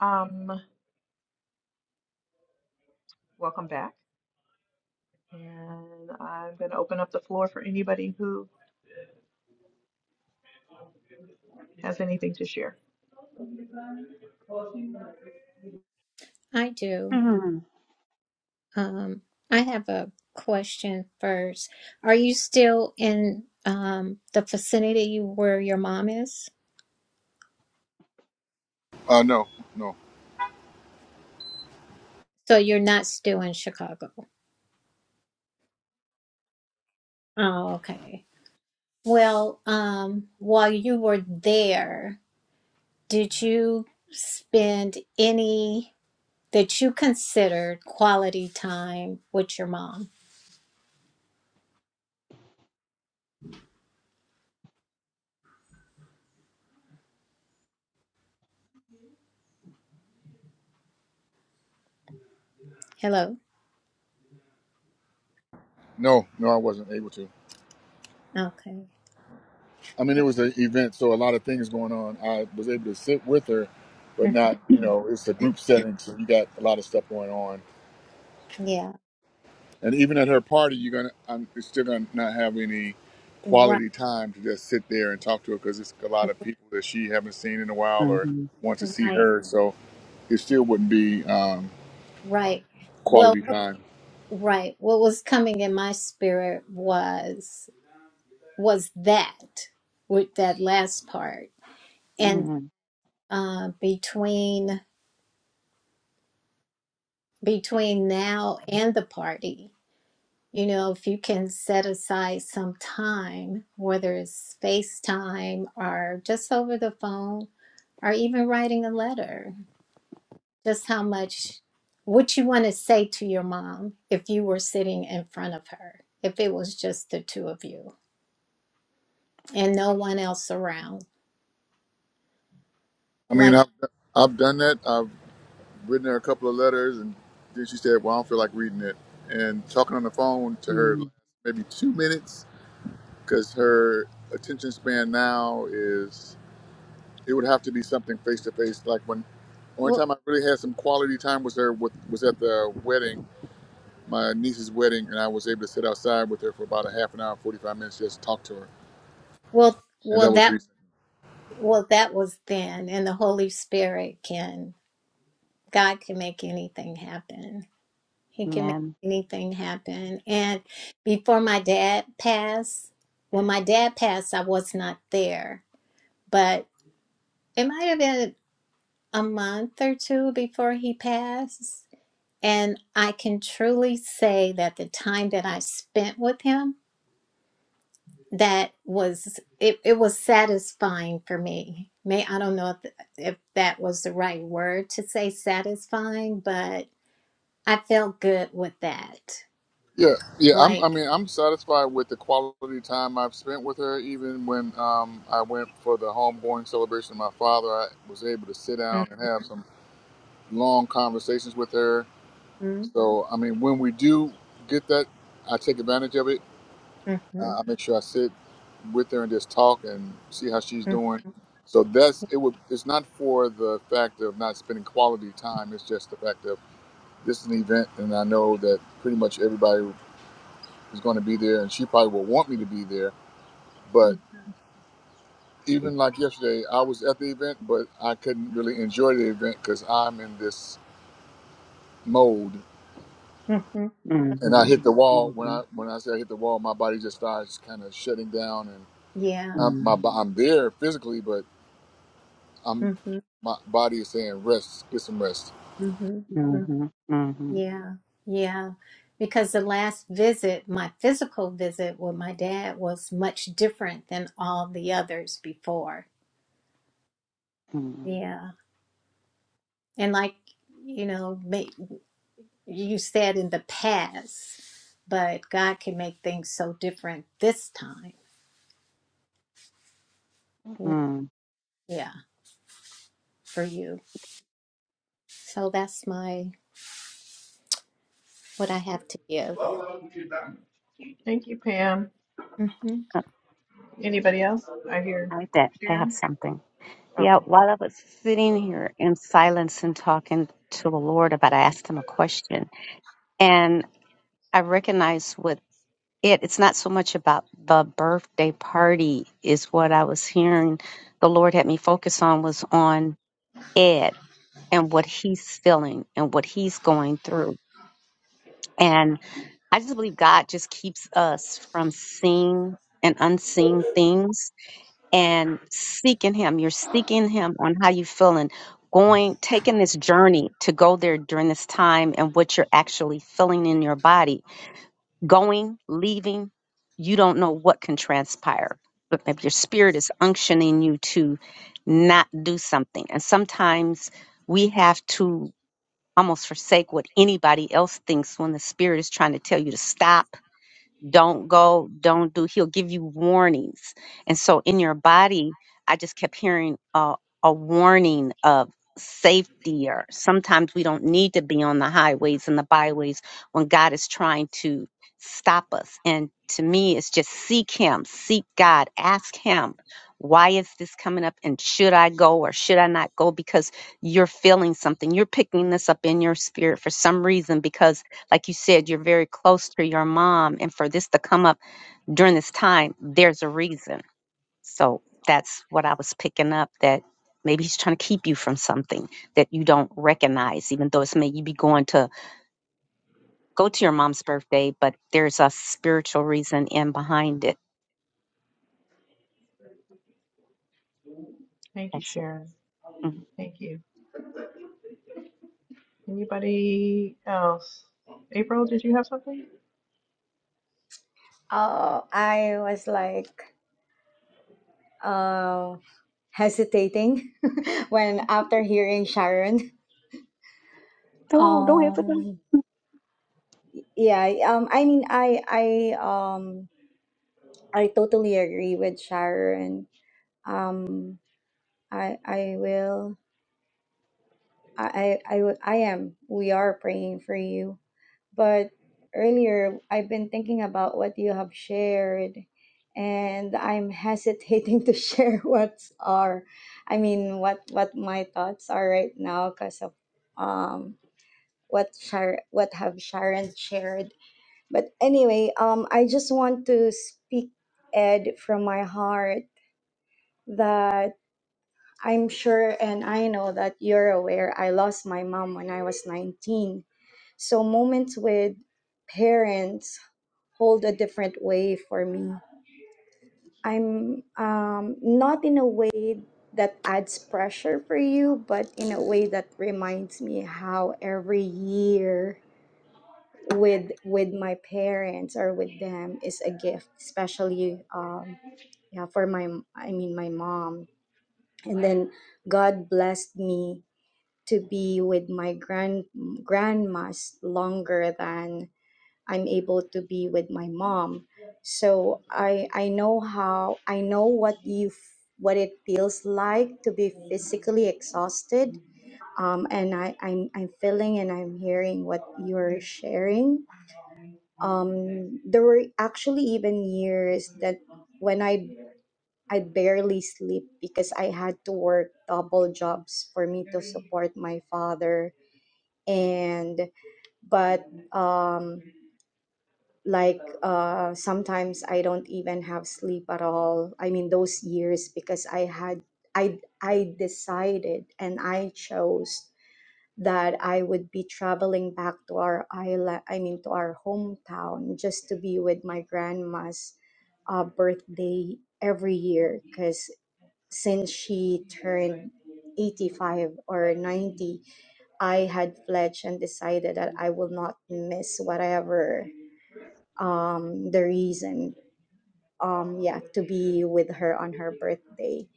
Speaker 1: um, welcome back. And I'm going to open up the floor for anybody who has anything to share.
Speaker 4: i do
Speaker 2: that.
Speaker 4: Um, I have a question first. Are you still in um, the vicinity where your mom is?
Speaker 3: Uh, no, no,
Speaker 4: So you're not still in Chicago. Oh, okay. Well, um, while you were there, did you spend any that you considered quality time with your mom? Hello.
Speaker 3: no, no. I wasn't able to.
Speaker 4: Okay.
Speaker 3: I mean, it was an event, so a lot of things going on. I was able to sit with her, but
Speaker 4: Mhm.
Speaker 3: not, you
Speaker 2: Mm.
Speaker 3: know, it's a group setting, so you got a lot of stuff going on.
Speaker 4: Yeah.
Speaker 3: And even at her party, you're gonna, I'm it's still gonna not have any
Speaker 4: Right.
Speaker 3: quality time to just sit there and talk to her because it's a lot of people that she haven't seen in a while or
Speaker 2: Mhm.
Speaker 3: want to see
Speaker 4: Right.
Speaker 3: her. So it still wouldn't be um,
Speaker 4: Right. Well.
Speaker 3: quality time.
Speaker 4: Right. What was coming in my spirit was was that with that last part, and
Speaker 2: Mhm.
Speaker 4: uh, between between now and the party, you know, if you can set aside some time, whether it's FaceTime or just over the phone or even writing a letter, just how much what you want to say to your mom if you were sitting in front of her, if it was just the two of you and no one else around.
Speaker 3: I mean,
Speaker 4: Like,
Speaker 3: I've, I've done that. I've written her a couple of letters, and then she said, "Well, I don't feel like reading it." And talking on the phone to her
Speaker 2: Mhm.
Speaker 3: maybe two minutes because her attention span now is it would have to be something face to face. Like when only
Speaker 4: well,
Speaker 3: time I really had some quality time was there with, was at the wedding, my niece's wedding, and I was able to sit outside with her for about a half an hour, forty five minutes, just talk to her,
Speaker 4: well,
Speaker 3: and
Speaker 4: well,
Speaker 3: that was
Speaker 4: that,
Speaker 3: recent.
Speaker 4: well, that was then, and the Holy Spirit can, God can make anything happen. He can make
Speaker 2: Amen.
Speaker 4: anything happen. And before my dad passed, when my dad passed, I was not there, but it might have been a month or two before he passed. And I can truly say that the time that I spent with him that was it, it was satisfying for me may i don't know if, if that was the right word to say satisfying but i felt good with that
Speaker 3: Yeah, yeah. I'm, I
Speaker 4: like
Speaker 3: mean, I'm satisfied with the quality time I've spent with her. Even when um, I went for the homegoing celebration of my father, I was able to sit
Speaker 4: mm-hmm,
Speaker 3: down and have some long conversations with her. So, I mean, when we do get that, I take advantage of it.
Speaker 4: mm-hmm,
Speaker 3: Uh, I make sure I sit with her and just talk and see how she's doing.
Speaker 4: mm-hmm,
Speaker 3: So that's it. Would it's not for the fact of not spending quality time. It's just the fact of this is an event, and I know that pretty much everybody is going to be there, and she probably will want me to be there. But even like yesterday, I was at the event, but I couldn't really enjoy the event because I'm in this mode,
Speaker 4: mm-hmm,
Speaker 3: and I
Speaker 2: Mhm.
Speaker 4: mm,
Speaker 3: hit the wall. When I
Speaker 2: Mhm.
Speaker 3: when I say I hit the wall, my body just starts kind of shutting down, and
Speaker 4: yeah
Speaker 3: I'm, my
Speaker 2: Mhm.
Speaker 3: I'm there physically, but I'm
Speaker 4: mm-hmm,
Speaker 3: my body is saying rest, get some rest.
Speaker 4: mm-hmm, hmm
Speaker 2: Mhm. Mhm.
Speaker 4: yeah yeah because the last visit my physical visit with my dad was much different than all the others before
Speaker 2: Mhm.
Speaker 4: yeah and like you know ma- you said in the past, but God can make things so different this time. You know?
Speaker 2: Mhm.
Speaker 4: Yeah, for you. So that's my what I have to give.
Speaker 1: Thank you, Pam.
Speaker 4: hmm
Speaker 2: Uh,
Speaker 1: Anybody else? I hear
Speaker 2: I bet I have
Speaker 1: Sharon.
Speaker 2: something. Yeah,
Speaker 1: Okay.
Speaker 2: while I was sitting here in silence and talking to the Lord about, I asked him a question, I recognize with it, it's not so much about the birthday party is what I was hearing the Lord had me focus on was on Ed and what he's feeling and what he's going through. And I just believe God just keeps us from seeing and unseen things and seeking him. You're seeking him on how you feeling, going taking this journey to go there during this time and what you're actually feeling in your body going, leaving, you don't know what can transpire. But maybe your spirit is unctioning you to not do something. And sometimes we have to almost forsake what anybody else thinks when the spirit is trying to tell you to stop don't go, don't do. He'll give you warnings. And so in your body, I just kept hearing a, a warning of safety, or sometimes we don't need to be on the highways and the byways when God is trying to stop us. And to me, it's just seek Him, seek God, ask Him, why is this coming up? And should I go or should I not go? Because you're feeling something. You're picking this up in your spirit for some reason because like you said, you're very close to your mom. And for this to come up during this time, there's a reason. So that's what I was picking up that maybe he's trying to keep you from something that you don't recognize, even though it's maybe you be going to go to your mom's birthday, but there's a spiritual reason in behind it.
Speaker 1: Thank you,
Speaker 2: That's it.
Speaker 1: Sharon.
Speaker 2: Mhm.
Speaker 1: Thank you. Anybody else? April, did you have something?
Speaker 7: Oh, I was like uh, hesitating *laughs* when after hearing Sharon.
Speaker 2: No, don't have it.
Speaker 7: Um, yeah, um, I mean, I, I, um, I totally agree with Sharon. Um, I, I will. I, I, I w- I am. We are praying for you. But earlier, I've been thinking about what you have shared, and I'm hesitating *laughs* to share what's are, I mean, what what my thoughts are right now because of um what Shar what have Sharon shared. But anyway, um, I just want to speak Ed from my heart that. I'm sure and I know that you're aware I lost my mom when I was 19. So moments with parents hold a different way for me. I'm um, not in a way that adds pressure for you, but in a way that reminds me how every year with with my parents or with them is a gift, especially um, yeah for my I mean my mom. And then God blessed me to be with my grand grandmas longer than I'm able to be with my mom. So I I know how I know what you f- what it feels like to be physically exhausted. Um, and I I'm I'm feeling and I'm hearing what you're sharing. Um, there were actually even years that when I I barely sleep because I had to work double jobs for me to support my father and but um like uh sometimes i don't even have sleep at all i mean those years because i had i i decided and i chose that i would be traveling back to our island i mean to our hometown just to be with my grandma's uh, birthday every year because since she turned 85 or 90 I had pledged and decided that I will not miss whatever um, the reason. Um, yeah, to be with her on her birthday,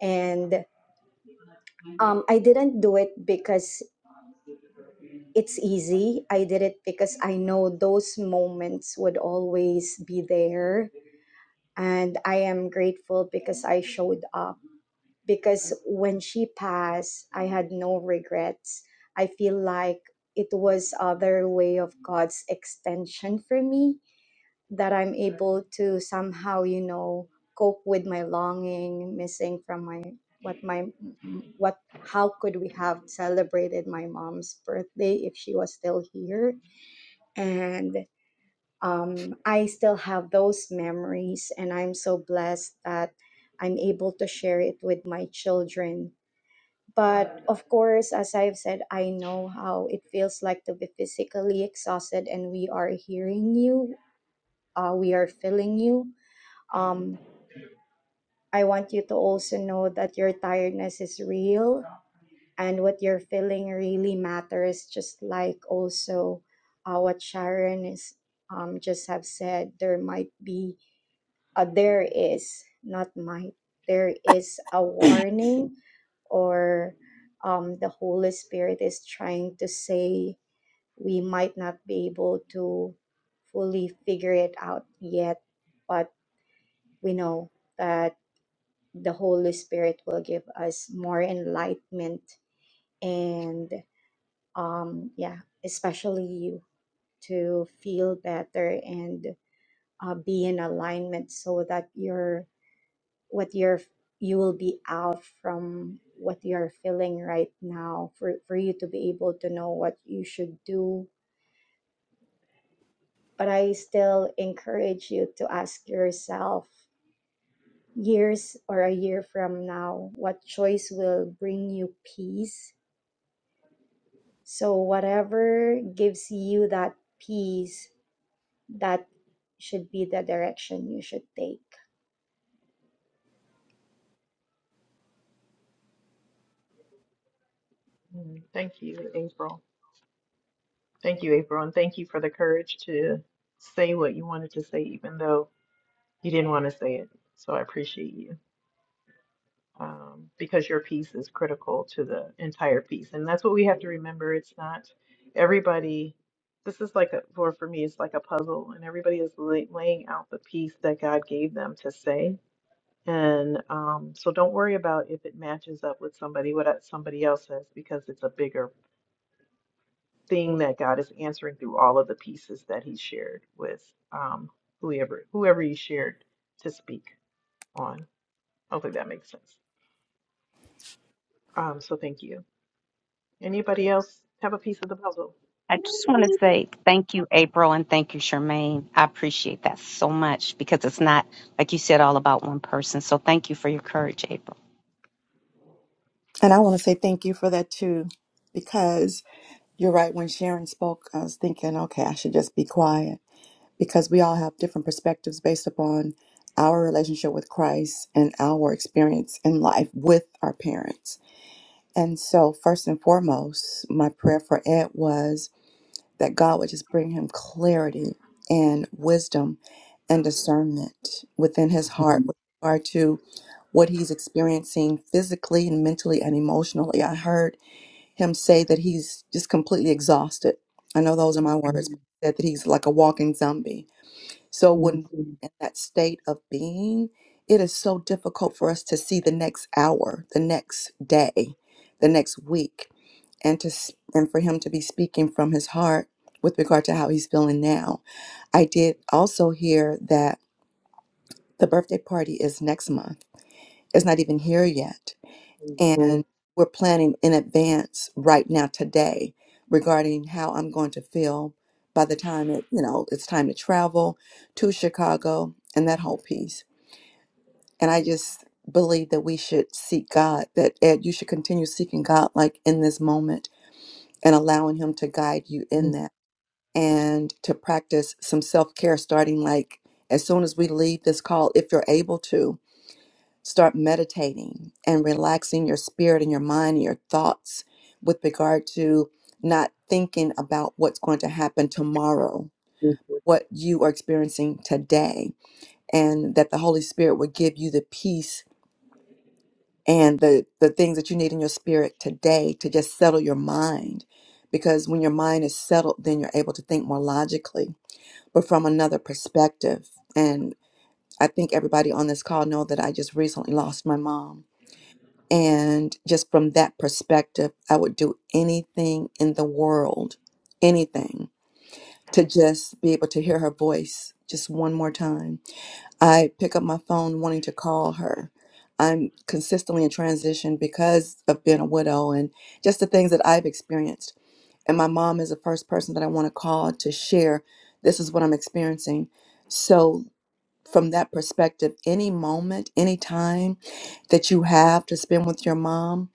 Speaker 7: and um, I didn't do it because it's easy. I did it because I know those moments would always be there, and I am grateful because I showed up because when she passed, I had no regrets. I feel like it was other way of God's extension for me that I'm able to somehow, you know, cope with my longing, missing from my what my what how could we have celebrated my mom's birthday if she was still here? And um, I still have those memories, and I'm so blessed that I'm able to share it with my children but of course, as I've said, I know how it feels like to be physically exhausted, and we are hearing you, uh, we are feeling you. Um, I want you to also know that your tiredness is real and what you're feeling really matters, just like also uh, what Sharon is um, just have said. There might be uh, there is not might there is a warning or um, the holy spirit is trying to say we might not be able to fully figure it out yet but we know that the holy spirit will give us more enlightenment and um, yeah especially you to feel better and uh, be in alignment so that your. what you're you will be out from what you're feeling right now for, for you to be able to know what you should do but i still encourage you to ask yourself years or a year from now what choice will bring you peace so whatever gives you that peace that should be the direction you should take
Speaker 1: Mm, Thank you, April. Thank you, April, and thank you for the courage to say what you wanted to say, even though you didn't want to say it. So I appreciate you um, because your piece is critical to the entire piece, and that's what we have to remember. It's not everybody. This is like a, for for me, it's like a puzzle, and everybody is lay, laying out the piece that God gave them to say. And um, so don't worry about if it matches up with somebody what somebody else says because it's a bigger thing that God is answering through all of the pieces that He shared with um, whoever whoever He shared to speak on. Hopefully that makes sense. Um, so thank you. Anybody else have a piece of the puzzle?
Speaker 2: I just want to say thank you, April, and thank you, Charmaine. I appreciate that so much because it's not, like you said, all about one person. So thank you for your courage, April.
Speaker 5: And I want to say thank you for that too, because you're right. When Sharon spoke, I was thinking, okay, I should just be quiet because we all have different perspectives based upon our relationship with Christ and our experience in life with our parents. And so, first and foremost, my prayer for Ed was that God would just bring him clarity and wisdom and discernment within his heart with regard to what he's experiencing physically and mentally and emotionally. I heard him say that he's just completely exhausted. I know those are my words, but he said that he's like a walking zombie. So when we're in that state of being, it is so difficult for us to see the next hour, the next day, the next week and to s- and for him to be speaking from his heart with regard to how he's feeling now. I did also hear that the birthday party is next month. It's not even here yet, and we're planning in advance right now today regarding how I'm going to feel by the time it you know it's time to travel to Chicago and that whole piece. And I just believe that we should seek God. That Ed, you should continue seeking God like in this moment and allowing Him to guide you in that and to practice some self care, starting like as soon as we leave this call, if you're able to, start meditating and relaxing your spirit and your mind and your thoughts with regard to not thinking about what's going to happen tomorrow, what you are experiencing today, and that the Holy Spirit will give you the peace and the, the things that you need in your spirit today to just settle your mind. Because when your mind is settled, then you're able to think more logically but from another perspective. And I think everybody on this call know that I just recently lost my mom. And just from that perspective, I would do anything in the world, anything, to just be able to hear her voice just one more time. I pick up my phone wanting to call her. I'm consistently in transition because of being a widow and just the things that I've experienced. And my mom is the first person that I want to call to share this is what I'm experiencing. So, from that perspective, any moment, any time that you have to spend with your mom,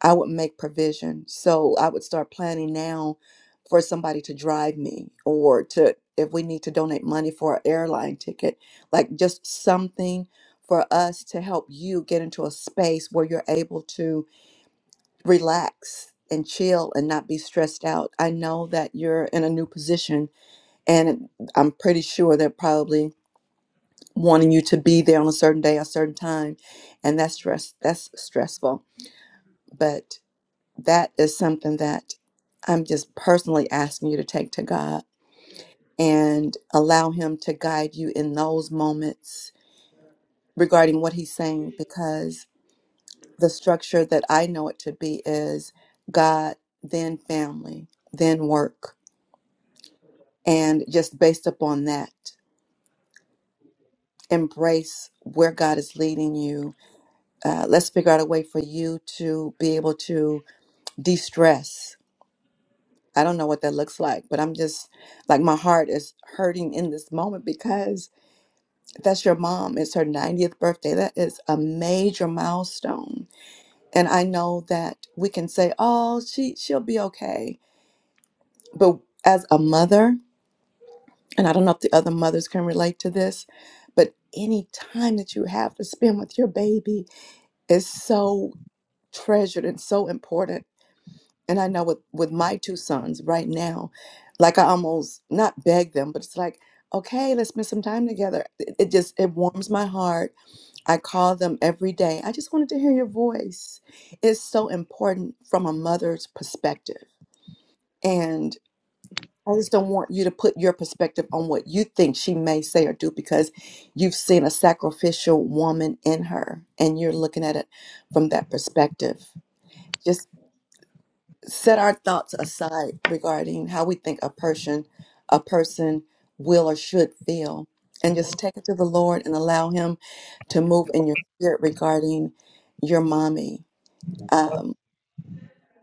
Speaker 5: I would make provision. So I would start planning now for somebody to drive me or to, if we need to donate money for an airline ticket, like just something for us to help you get into a space where you're able to relax and chill and not be stressed out. I know that you're in a new position and I'm pretty sure they're probably wanting you to be there on a certain day, a certain time, and that's stress that's stressful. but that is something that I'm just personally asking you to take to God and allow Him to guide you in those moments regarding what He's saying, because the structure that I know it to be is God, then family, then work. And just based upon that, embrace where God is leading you. Uh, let's figure out a way for you to be able to de stress I don't know what that looks like, but I'm just like my heart is hurting in this moment because that's your mom. It's her 90th birthday. That is a major milestone. And I know that we can say, "Oh, she she'll be okay." But as a mother, and I don't know if the other mothers can relate to this, but any time that you have to spend with your baby is so treasured and so important And I know with, with my two sons right now, like I almost not beg them, but it's like, okay, let's spend some time together. It, it just it warms my heart. I call them every day. I just wanted to hear your voice. It's so important from a mother's perspective. And I just don't want you to put your perspective on what you think she may say or do because you've seen a sacrificial woman in her and you're looking at it from that perspective Just. set our thoughts aside regarding how we think a person a person will or should feel and just take it to the lord and allow him to move in your spirit regarding your mommy um,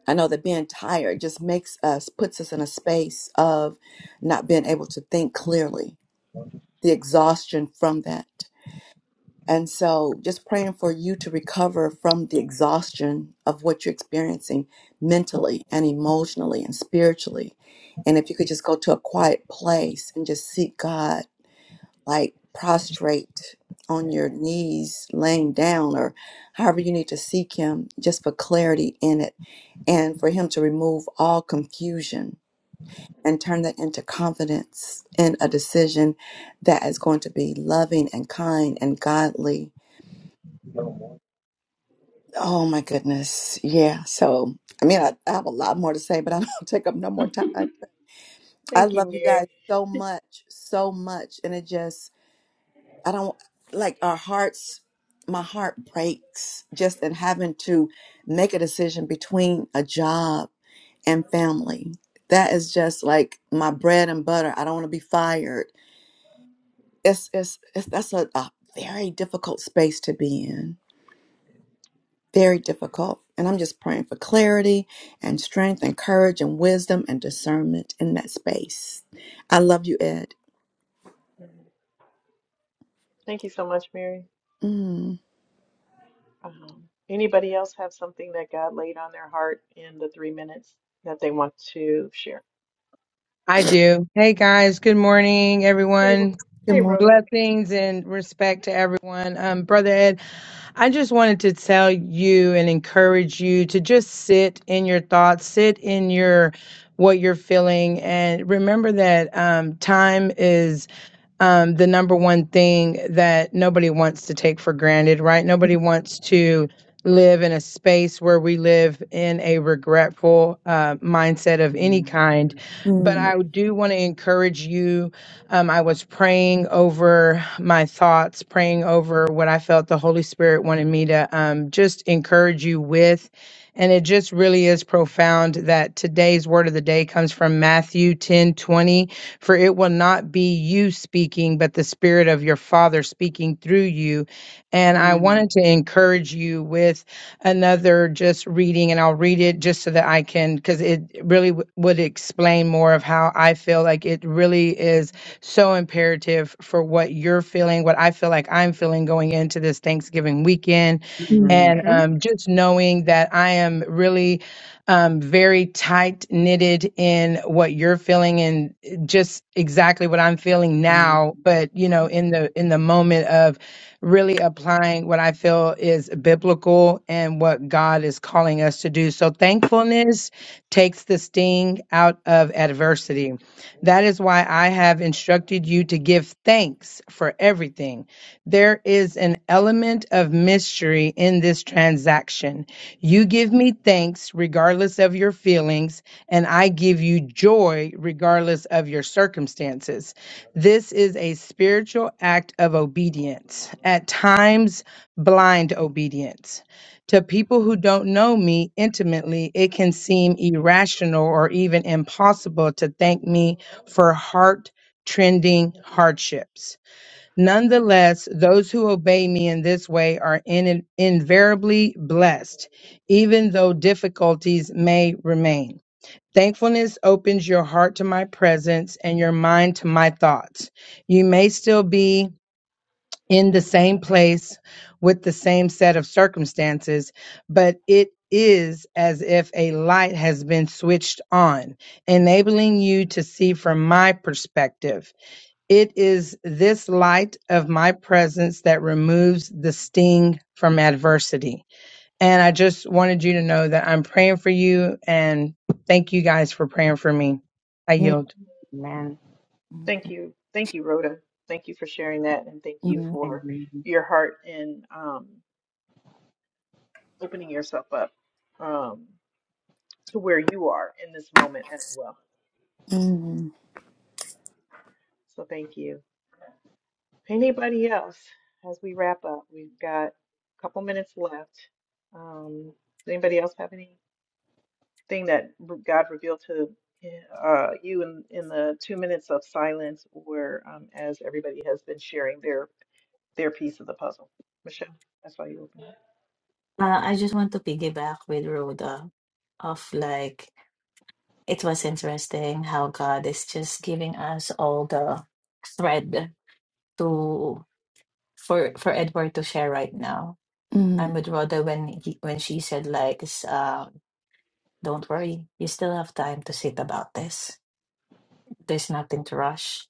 Speaker 5: i know that being tired just makes us puts us in a space of not being able to think clearly the exhaustion from that and so, just praying for you to recover from the exhaustion of what you're experiencing mentally and emotionally and spiritually. And if you could just go to a quiet place and just seek God, like prostrate on your knees, laying down, or however you need to seek Him, just for clarity in it and for Him to remove all confusion and turn that into confidence in a decision that is going to be loving and kind and godly Oh my goodness. Yeah. So, I mean, I, I have a lot more to say, but I don't *laughs* take up no more time. I
Speaker 1: Thank you,
Speaker 5: love you
Speaker 1: Mary.
Speaker 5: guys so much, so much. And it just, I don't like our hearts, my heart breaks just in having to make a decision between a job and family. That is just like my bread and butter. I don't want to be fired. It's, it's, it's that's a, a very difficult space to be in. very difficult. And I'm just praying for clarity and strength and courage and wisdom and discernment in that space. I love you, Ed.
Speaker 1: Thank you so much, Mary.
Speaker 5: Mm.
Speaker 1: Um, anybody else have something that God laid on their heart in the three minutes that they want to share?
Speaker 8: I do. Hey guys, good morning,
Speaker 1: Hey, Ro-
Speaker 8: everyone.
Speaker 5: Good
Speaker 1: hey,
Speaker 5: morning.
Speaker 1: Rhoda.
Speaker 8: Blessings and respect to everyone. Um, Brother Ed, I just wanted to tell you and encourage you to just sit in your thoughts, sit in your what you're feeling, and remember that um, time is um, the number one thing that nobody wants to take for granted, right? Nobody wants to live in a space where we live in a regretful uh, mindset of any kind. But
Speaker 5: Mm.
Speaker 8: I do want to encourage you. Um, I was praying over my thoughts, praying over what I felt the Holy Spirit wanted me to um, just encourage you with. And it just really is profound that today's word of the day comes from Matthew ten twenty for it will not be you speaking, but the Spirit of your Father speaking through you. And I wanted to encourage you with another just reading, and I'll read it just so that I can, because it really w- would explain more of how I feel like it really is so imperative for what you're feeling, what I feel like I'm feeling going into this Thanksgiving weekend.
Speaker 5: Mm.
Speaker 8: And
Speaker 2: Mhm.
Speaker 8: um, just knowing that I am really um, very tight knitted in what you're feeling and just exactly what I'm feeling
Speaker 2: Mhm.
Speaker 8: now. But you know, in the in the moment of really applying what I feel is biblical and what God is calling us to do. So thankfulness takes the sting out of adversity. That is why I have instructed you to give thanks for everything. There is an element of mystery in this transaction. You give me thanks regardless of your feelings, and I give you joy regardless of your circumstances. This is a spiritual act of obedience, at times, blind obedience. To people who don't know me intimately, it can seem irrational or even impossible to thank me for heart trending hardships. Nonetheless, those who obey me in this way are in, invariably blessed, even though difficulties may remain. Thankfulness opens your heart to my presence and your mind to my thoughts. You may still be in the same place with the same set of circumstances, but it is as if a light has been switched on, enabling you to see from my perspective. It is this light of my presence that removes the sting from adversity. And I just wanted you to know that I'm praying for you and thank you guys for praying for me. I
Speaker 5: Mm.
Speaker 8: yield.
Speaker 2: Amen.
Speaker 1: Thank you, thank you, Rhoda. Thank you for sharing that, and thank you
Speaker 5: Mm.
Speaker 1: for
Speaker 2: Amen.
Speaker 1: your heart and opening yourself up um, to where you are in this moment as well.
Speaker 5: Mm.
Speaker 1: So thank you. Anybody else? As we wrap up, we've got a couple minutes left. Um, does anybody else have anything that r- God revealed to uh, you in, in the two minutes of silence, or um, as everybody has been sharing their their piece of the puzzle? Michelle, that's why you open. it.
Speaker 6: Uh, I just want to piggyback with Rhoda of like It was interesting how God is just giving us all the thread to for for Edward to share right now. I'm
Speaker 5: Mm.
Speaker 6: with Rhoda when he, when she said like, s- uh, "Don't worry, you still have time to sit about this. There's nothing to rush."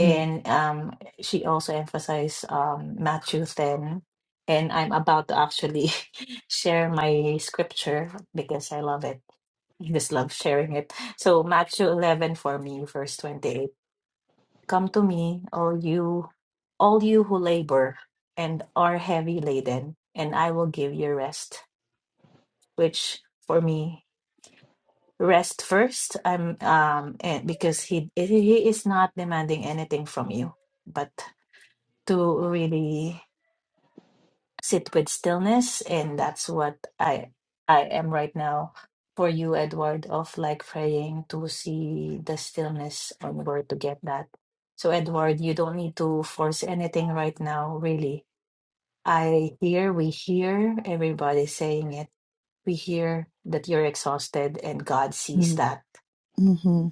Speaker 5: Mm.
Speaker 6: um, she also emphasized um, Matthew ten, and I'm about to actually *laughs* share my scripture because I love it. I just love sharing it. So Matthew 11 for me, verse 28. Come to me, all you, all you who labor and are heavy laden, and I will give you rest. Which for me, rest first. I'm um, and because he he is not demanding anything from you, but to really. sit with stillness and that's what i i am right now for you edward of like praying to see the stillness on where to get that so edward you don't need to force anything right now really i hear we hear everybody saying it we hear that you're exhausted and god sees that
Speaker 5: Mm. Mhm.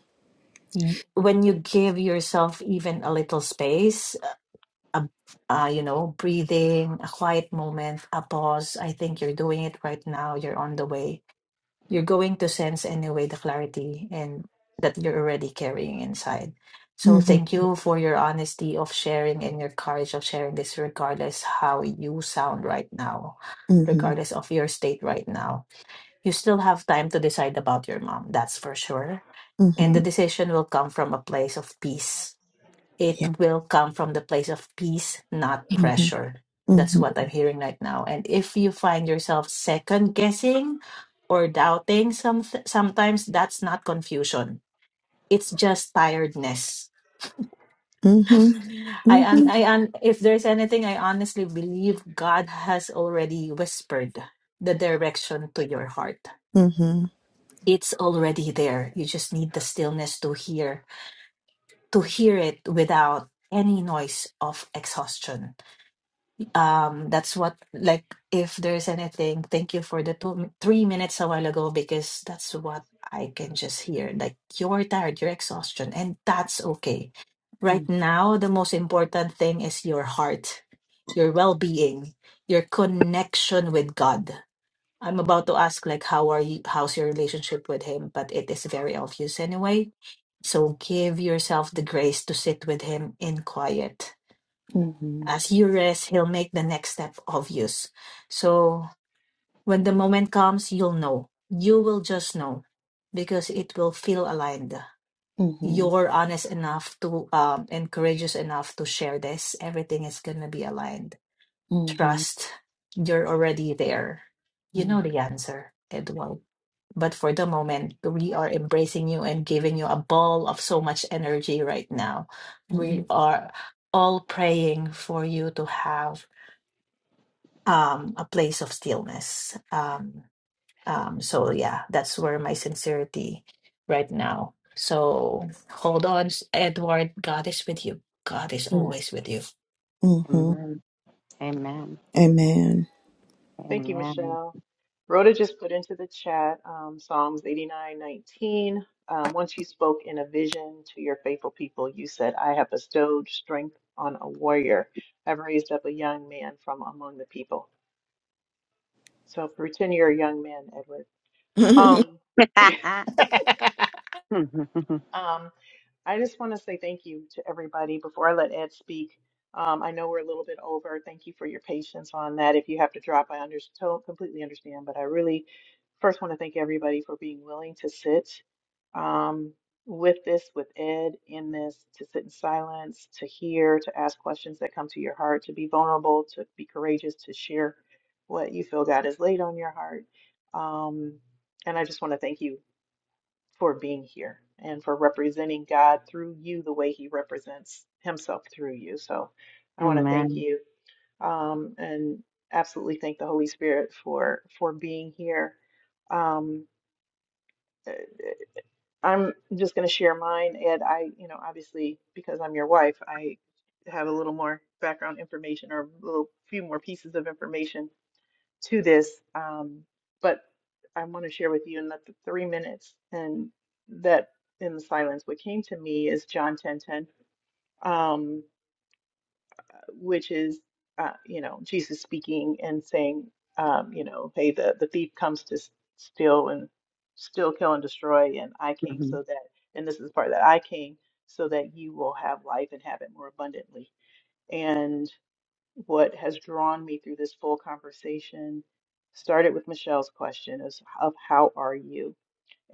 Speaker 6: Y- when you give yourself even a little space a, uh, you know, breathing, a quiet moment, a pause. I think you're doing it right now. You're on the way. You're going to sense anyway the clarity and that you're already carrying inside. So
Speaker 5: Mhm.
Speaker 6: thank you for your honesty of sharing and your courage of sharing this, regardless how you sound right now,
Speaker 5: Mhm.
Speaker 6: regardless of your state right now. You still have time to decide about your mom. That's for sure. And the
Speaker 5: Mhm.
Speaker 6: decision will come from a place of peace
Speaker 5: Yeah.
Speaker 6: it will come from the place of peace, not
Speaker 5: Mhm.
Speaker 6: pressure. That's
Speaker 5: Mhm.
Speaker 6: what I'm hearing right now. And if you find yourself second guessing or doubting some sometimes that's not confusion. It's just tiredness. *laughs*
Speaker 5: Mhm.
Speaker 6: I un-
Speaker 5: Mhm.
Speaker 6: I un- if there's anything I honestly believe God has already whispered the direction to your heart.
Speaker 5: Mhm.
Speaker 6: It's already there. You just need the stillness to hear to hear it without any noise of exhaustion um that's what like if there's anything thank you for the two three minutes a while ago because that's what i can just hear like you're tired your exhaustion and that's okay right now the most important thing is your heart your well-being your connection with god i'm about to ask like how are you how's your relationship with him but it is very obvious anyway so give yourself the grace to sit with him in quiet
Speaker 5: Mhm.
Speaker 6: as you rest, He'll make the next step obvious. So when the moment comes, you'll know. You will just know because it will feel aligned.
Speaker 5: Mm-hmm.
Speaker 6: You're honest enough to um, and courageous enough to share this. Everything is going to be aligned.
Speaker 5: Mm-hmm.
Speaker 6: Trust, you're already there. You know the answer, Edward. But for the moment, we are embracing you and giving you a ball of so much energy right now.
Speaker 5: Mm-hmm.
Speaker 6: We are all praying for you to have um, a place of stillness. Um, um, so yeah, that's where my sincerity right now. So hold on, Edward. God is with you. God is
Speaker 5: Yes.
Speaker 6: always with you.
Speaker 5: Mm-hmm.
Speaker 2: Amen. Amen.
Speaker 5: Amen.
Speaker 1: Thank you,
Speaker 2: Amen.
Speaker 1: Michelle. Rhoda just put into the chat um, Psalms 89:19. Um, once you spoke in a vision to your faithful people, you said, I have bestowed strength on a warrior. I've raised up a young man from among the people. So pretend you're a young man, Edward.
Speaker 5: *laughs*
Speaker 1: Um,
Speaker 2: *laughs*
Speaker 1: *laughs* um, I just want to say thank you to everybody before I let Ed speak. Um, I know we're a little bit over. Thank you for your patience on that. If you have to drop, I under- to- completely understand. But I really first want to thank everybody for being willing to sit um, with this, with Ed in this, to sit in silence, to hear, to ask questions that come to your heart, to be vulnerable, to be courageous, to share what you feel God has laid on your heart. Um, and I just want to thank you for being here and for representing God through you the way He represents Himself through you. So I want to thank
Speaker 2: Amen.
Speaker 1: you um, and absolutely thank the Holy Spirit for for being here. Um, uh, I'm just going to share mine, and I, you know, obviously because I'm your wife, I have a little more background information or a little few more pieces of information to this, um, but I want to share with you in the th- three minutes and that in the silence, what came to me is John 10 10, um, which is, uh, you know, Jesus speaking and saying, um, you know, hey, the, the thief comes to s- steal and steal, kill, and destroy. And I came
Speaker 2: Mhm.
Speaker 1: so that, and this is the part that I came so that you will have life and have it more abundantly what has drawn me through this full conversation started with Michelle's question is of how are you?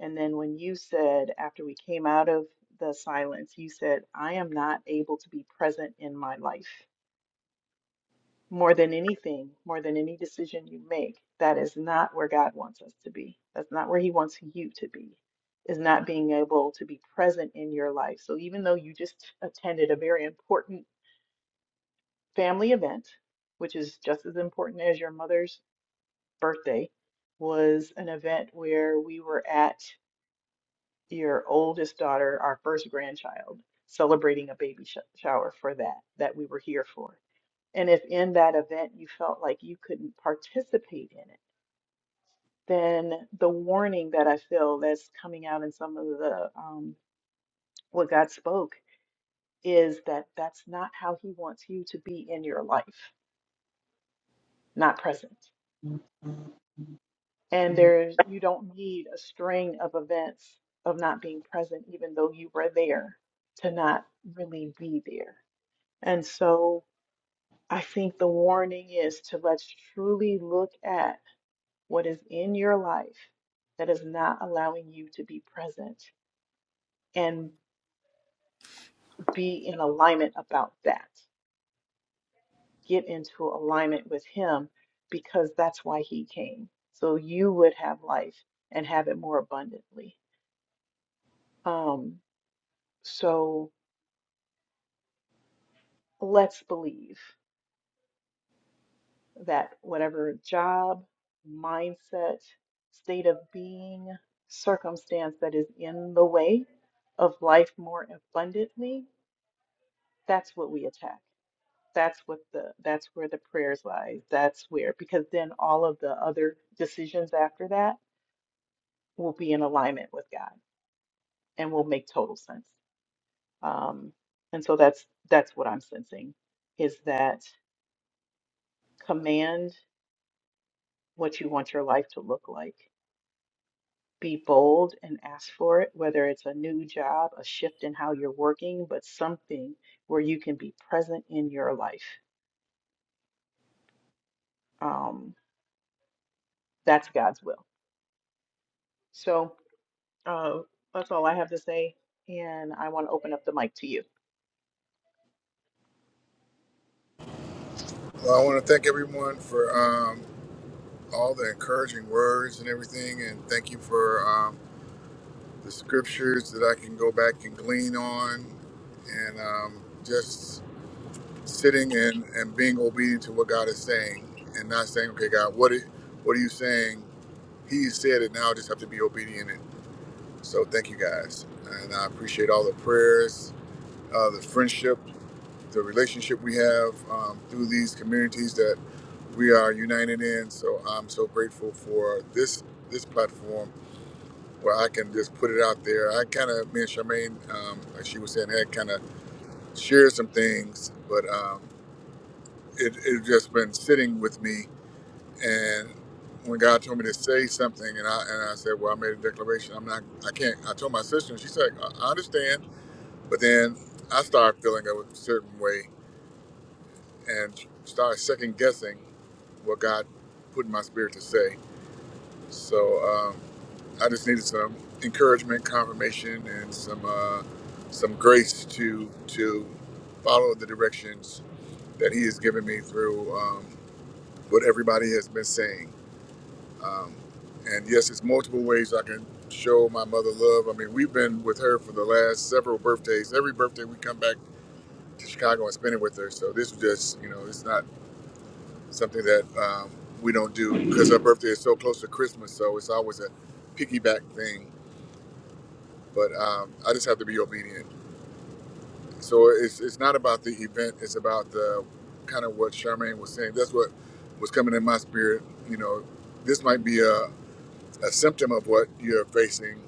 Speaker 1: And then when you said after we came out of the silence, you said, I am not able to be present in my life. More than anything, more than any decision you make, that is not where God wants us to be. That's not where He wants you to be, is not being able to be present in your life. So even though you just attended a very important family event, which is just as important as your mother's birthday was an event where we were at your oldest daughter, our first grandchild, celebrating a baby sh shower for that, that we were here for. And if in that event you felt like you couldn't participate in it, then the warning that I feel that's coming out in some of the um, what God spoke is that that's not how He wants you to be in your life, not present. And
Speaker 2: Yes,
Speaker 1: there's you don't need a string of events of not being present, even though you were there, to not really be there. And so I think the warning is to let's truly look at what is in your life that is not allowing you to be present and be in alignment about that. Get into alignment with Him because that's why He came. So you would have life and have it more abundantly. Um, so. let's believe that whatever job, mindset, state of being, circumstance that is in the way of life more abundantly, that's what we attack. That's what the that's where the prayers lies. That's where because then all of the other decisions after that will be in alignment with God and will make total sense. Um, and so that's that's what I'm sensing is that command what you want your life to look like be bold and ask for it, whether it's a new job, a shift in how you're working, but something where you can be present in your life. Um, that's God's will. So uh, that's all I have to say. And I want to open up the mic to you.
Speaker 3: Well, I want to thank everyone for um, all the encouraging words and everything, and thank you for. um, the scriptures that I can go back and glean on, and um, just sitting and, and being obedient to what God is saying, and not saying, "Okay, God, what are- what are you saying?" He said it. Now I just have to be obedient. And so, thank you guys, and I appreciate all the prayers, uh, the friendship, the relationship we have um, through these communities that we are united in. So I'm so grateful for this this platform where I can just put it out there. I kind of, me and Charmaine, um, like she was saying, had kind of shared some things, but um, it it just been sitting with me. And when God told me to say something, and I and I said, well, I made a declaration. I'm not, I can't. I told my sister, and she said, I I understand. But then I started feeling a certain way and started second guessing what God put in my spirit to say. So um, I just needed some encouragement, confirmation, and some uh, some grace to to follow the directions that He has given me through um, what everybody has been saying. Um, and yes, it's multiple ways I can show my mother love. I mean, we've been with her for the last several birthdays. Every birthday we come back to Chicago and spend it with her. So this is just, you know, it's not something that um, we don't do because her birthday is so close to Christmas. So it's always a piggyback thing but um, I just have to be obedient. So it's it's not about the event; it's about the kind of what Charmaine was saying. That's what was coming in my spirit. You know, this might be a, a symptom of what you're facing,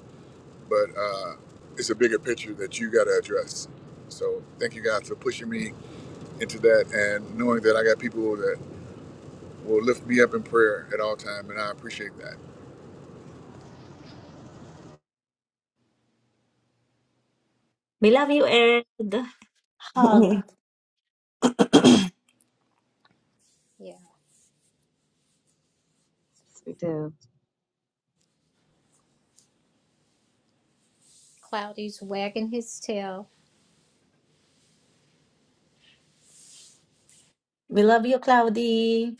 Speaker 3: but uh, it's a bigger picture that you got to address. So thank you guys for pushing me into that and knowing that I got people that will lift me up in prayer at all time, and I appreciate that.
Speaker 6: We love you, Ed. Hug.
Speaker 4: Yeah,
Speaker 2: we do.
Speaker 4: Cloudy's wagging his tail.
Speaker 6: We love you, Cloudy.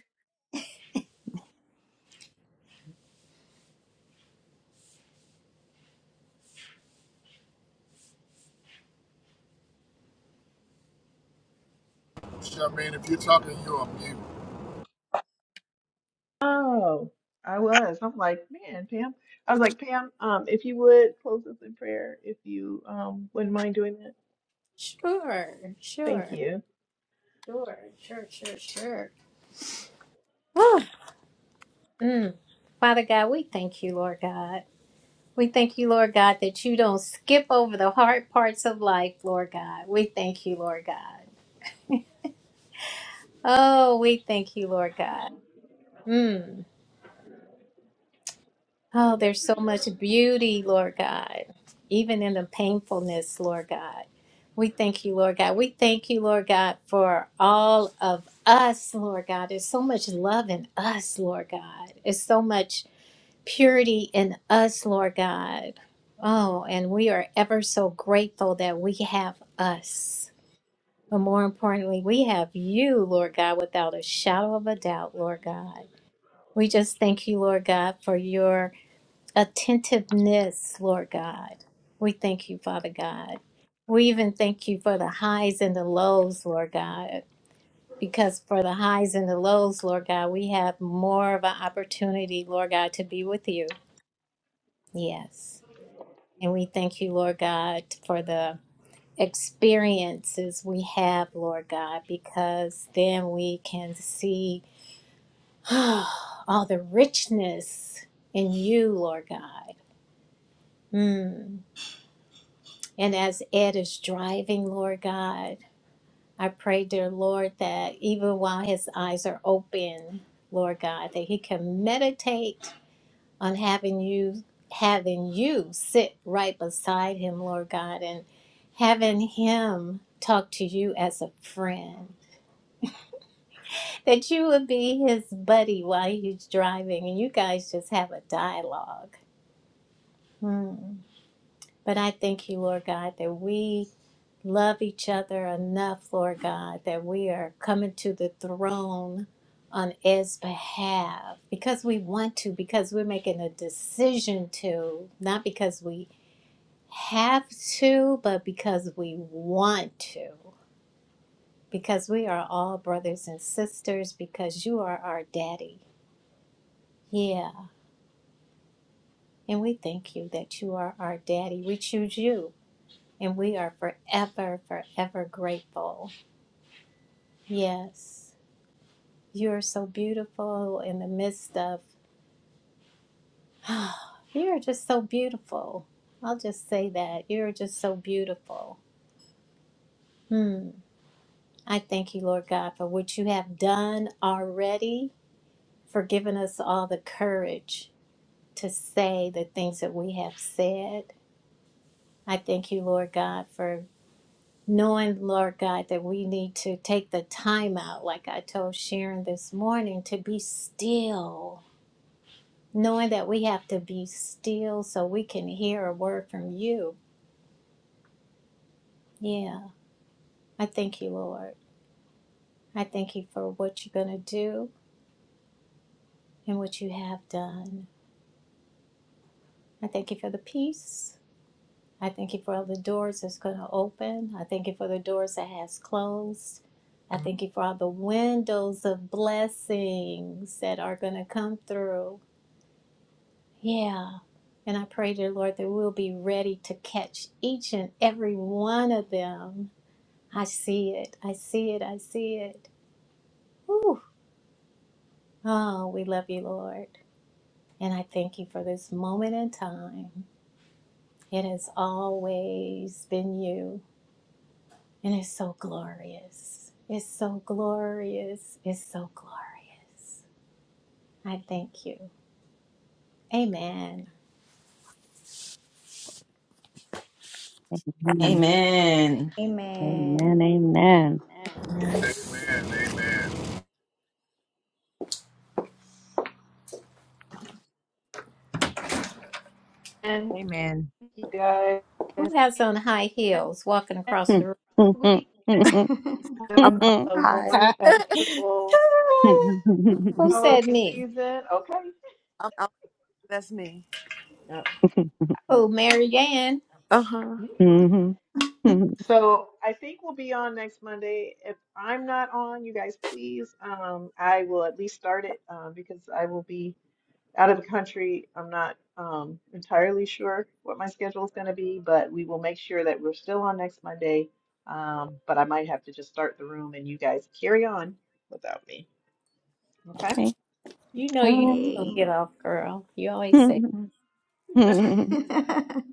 Speaker 3: Charmaine, if you're talking, you're on mute.
Speaker 1: Oh, I was. I'm like, man, Pam. I was like, Pam, um, if you would close us in prayer, if you um wouldn't mind doing that.
Speaker 4: Sure,
Speaker 1: Thank
Speaker 4: sure,
Speaker 1: you.
Speaker 4: sure, sure, sure, sure. Oh, mm. Father God, we thank you, Lord God. We thank you, Lord God, that you don't skip over the hard parts of life, Lord God. We thank you, Lord God. Oh, we thank you, Lord God. Mm. Oh, there's so much beauty, Lord God, even in the painfulness, Lord God. We thank you, Lord God. We thank you, Lord God, for all of us, Lord God. There's so much love in us, Lord God. There's so much purity in us, Lord God. Oh, and we are ever so grateful that we have us. But more importantly, we have you, Lord God, without a shadow of a doubt, Lord God. We just thank you, Lord God, for your attentiveness, Lord God. We thank you, Father God. We even thank you for the highs and the lows, Lord God. Because for the highs and the lows, Lord God, we have more of an opportunity, Lord God, to be with you. Yes. And we thank you, Lord God, for the experiences we have, Lord God, because then we can see *gasps* *sighs* all the richness in you, Lord God. Mm. And as Ed is driving, Lord God, I pray, dear Lord, that even while his eyes are open, Lord God, that he can meditate on having you having you sit right beside him, Lord God, and having him talk to you as a friend. That you would be his buddy while he's driving and you guys just have a dialogue. Hmm. But I thank you, Lord God, that we love each other enough, Lord God, that we are coming to the throne on Ed's behalf because we want to, because we're making a decision to, not because we have to, but because we want to, because we are all brothers and sisters, because you are our daddy. Yeah. And we thank you that you are our daddy. We choose you and we are forever, forever grateful. Yes. You're so beautiful in the midst of, you're just so beautiful. I'll just say that. You're just so beautiful. Hmm. I thank you, Lord God, for what you have done already, for giving us all the courage to say the things that we have said. I thank you, Lord God, for knowing, Lord God, that we need to take the time out, like I told Sharon this morning, to be still knowing that we have to be still so we can hear a word from you. Yeah, I thank you, Lord. I thank you for what you're going to do and what you have done. I thank you for the peace. I thank you for all the doors that's going to open. I thank you for the doors that has closed. I thank you for all the windows of blessings that are going to come through. Yeah. And I pray, dear Lord, that we'll be ready to catch each and every one of them I see it. I see it. I see it. Whew. Oh, we love you, Lord. And I thank you for this moment in time. It has always been you, and it's so glorious. It's so glorious. It's so glorious. I thank you. Amen.
Speaker 2: Amen.
Speaker 6: Amen.
Speaker 2: Amen.
Speaker 7: Amen.
Speaker 3: Amen. Amen.
Speaker 1: And
Speaker 8: Amen.
Speaker 1: you guys,
Speaker 4: Who
Speaker 1: next
Speaker 4: has on high heels walking
Speaker 2: Amen.
Speaker 4: across the room?
Speaker 2: *laughs*
Speaker 1: week,
Speaker 2: Hmm. Hmm,
Speaker 1: have
Speaker 5: I'm
Speaker 1: a
Speaker 5: outside.
Speaker 1: wonderful
Speaker 4: Who said
Speaker 1: holiday
Speaker 4: me?
Speaker 1: season. Okay.
Speaker 5: I'm out. That's me.
Speaker 1: Yeah.
Speaker 4: Oh, Mary Ann.
Speaker 5: Uh huh.
Speaker 2: hmm, hmm, hmm, hmm, hmm. Mhm. Mhm.
Speaker 1: So I think we'll be on next Monday. If I'm not on, you guys please, um, I will at least start it um, because I will be. out of the country. I'm not um, entirely sure what my schedule is going to be, but we will make sure that we're still on next Monday. Um, but I might have to just start the room and you guys carry on without me. Okay?
Speaker 2: okay.
Speaker 4: You know
Speaker 2: All
Speaker 4: you don't get
Speaker 7: Okay.
Speaker 4: off, girl. You always say.
Speaker 2: right.
Speaker 7: *laughs* All
Speaker 2: *laughs*
Speaker 7: right.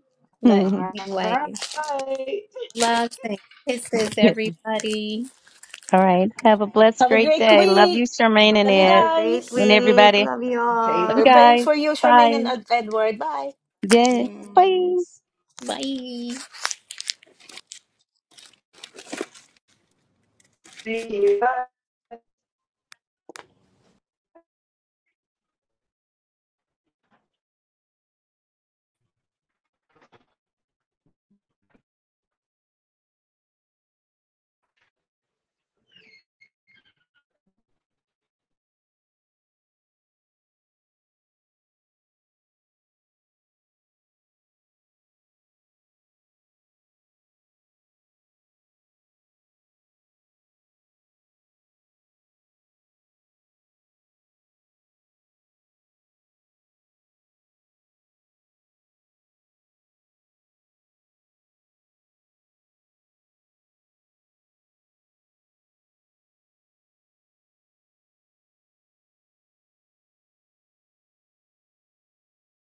Speaker 4: But
Speaker 1: All
Speaker 4: anyway,
Speaker 1: right.
Speaker 4: love things. Kisses, everybody.
Speaker 2: All right. Have a blessed,
Speaker 6: Have a
Speaker 2: great
Speaker 6: great
Speaker 2: day. Love
Speaker 6: week.
Speaker 2: you, Charmaine and
Speaker 6: Love you
Speaker 1: Okay.
Speaker 7: Have
Speaker 2: Ed,
Speaker 7: a great
Speaker 2: and
Speaker 6: guys.
Speaker 7: week.
Speaker 2: everybody.
Speaker 7: Love you
Speaker 2: Love
Speaker 1: Okay.
Speaker 2: you
Speaker 6: We're
Speaker 7: all.
Speaker 6: praying
Speaker 2: guys.
Speaker 6: for you, Charmaine and
Speaker 2: Bye.
Speaker 6: Ed- Edward. Bye.
Speaker 2: Yeah. Bye.
Speaker 7: Yes.
Speaker 4: Bye.
Speaker 1: Thank you.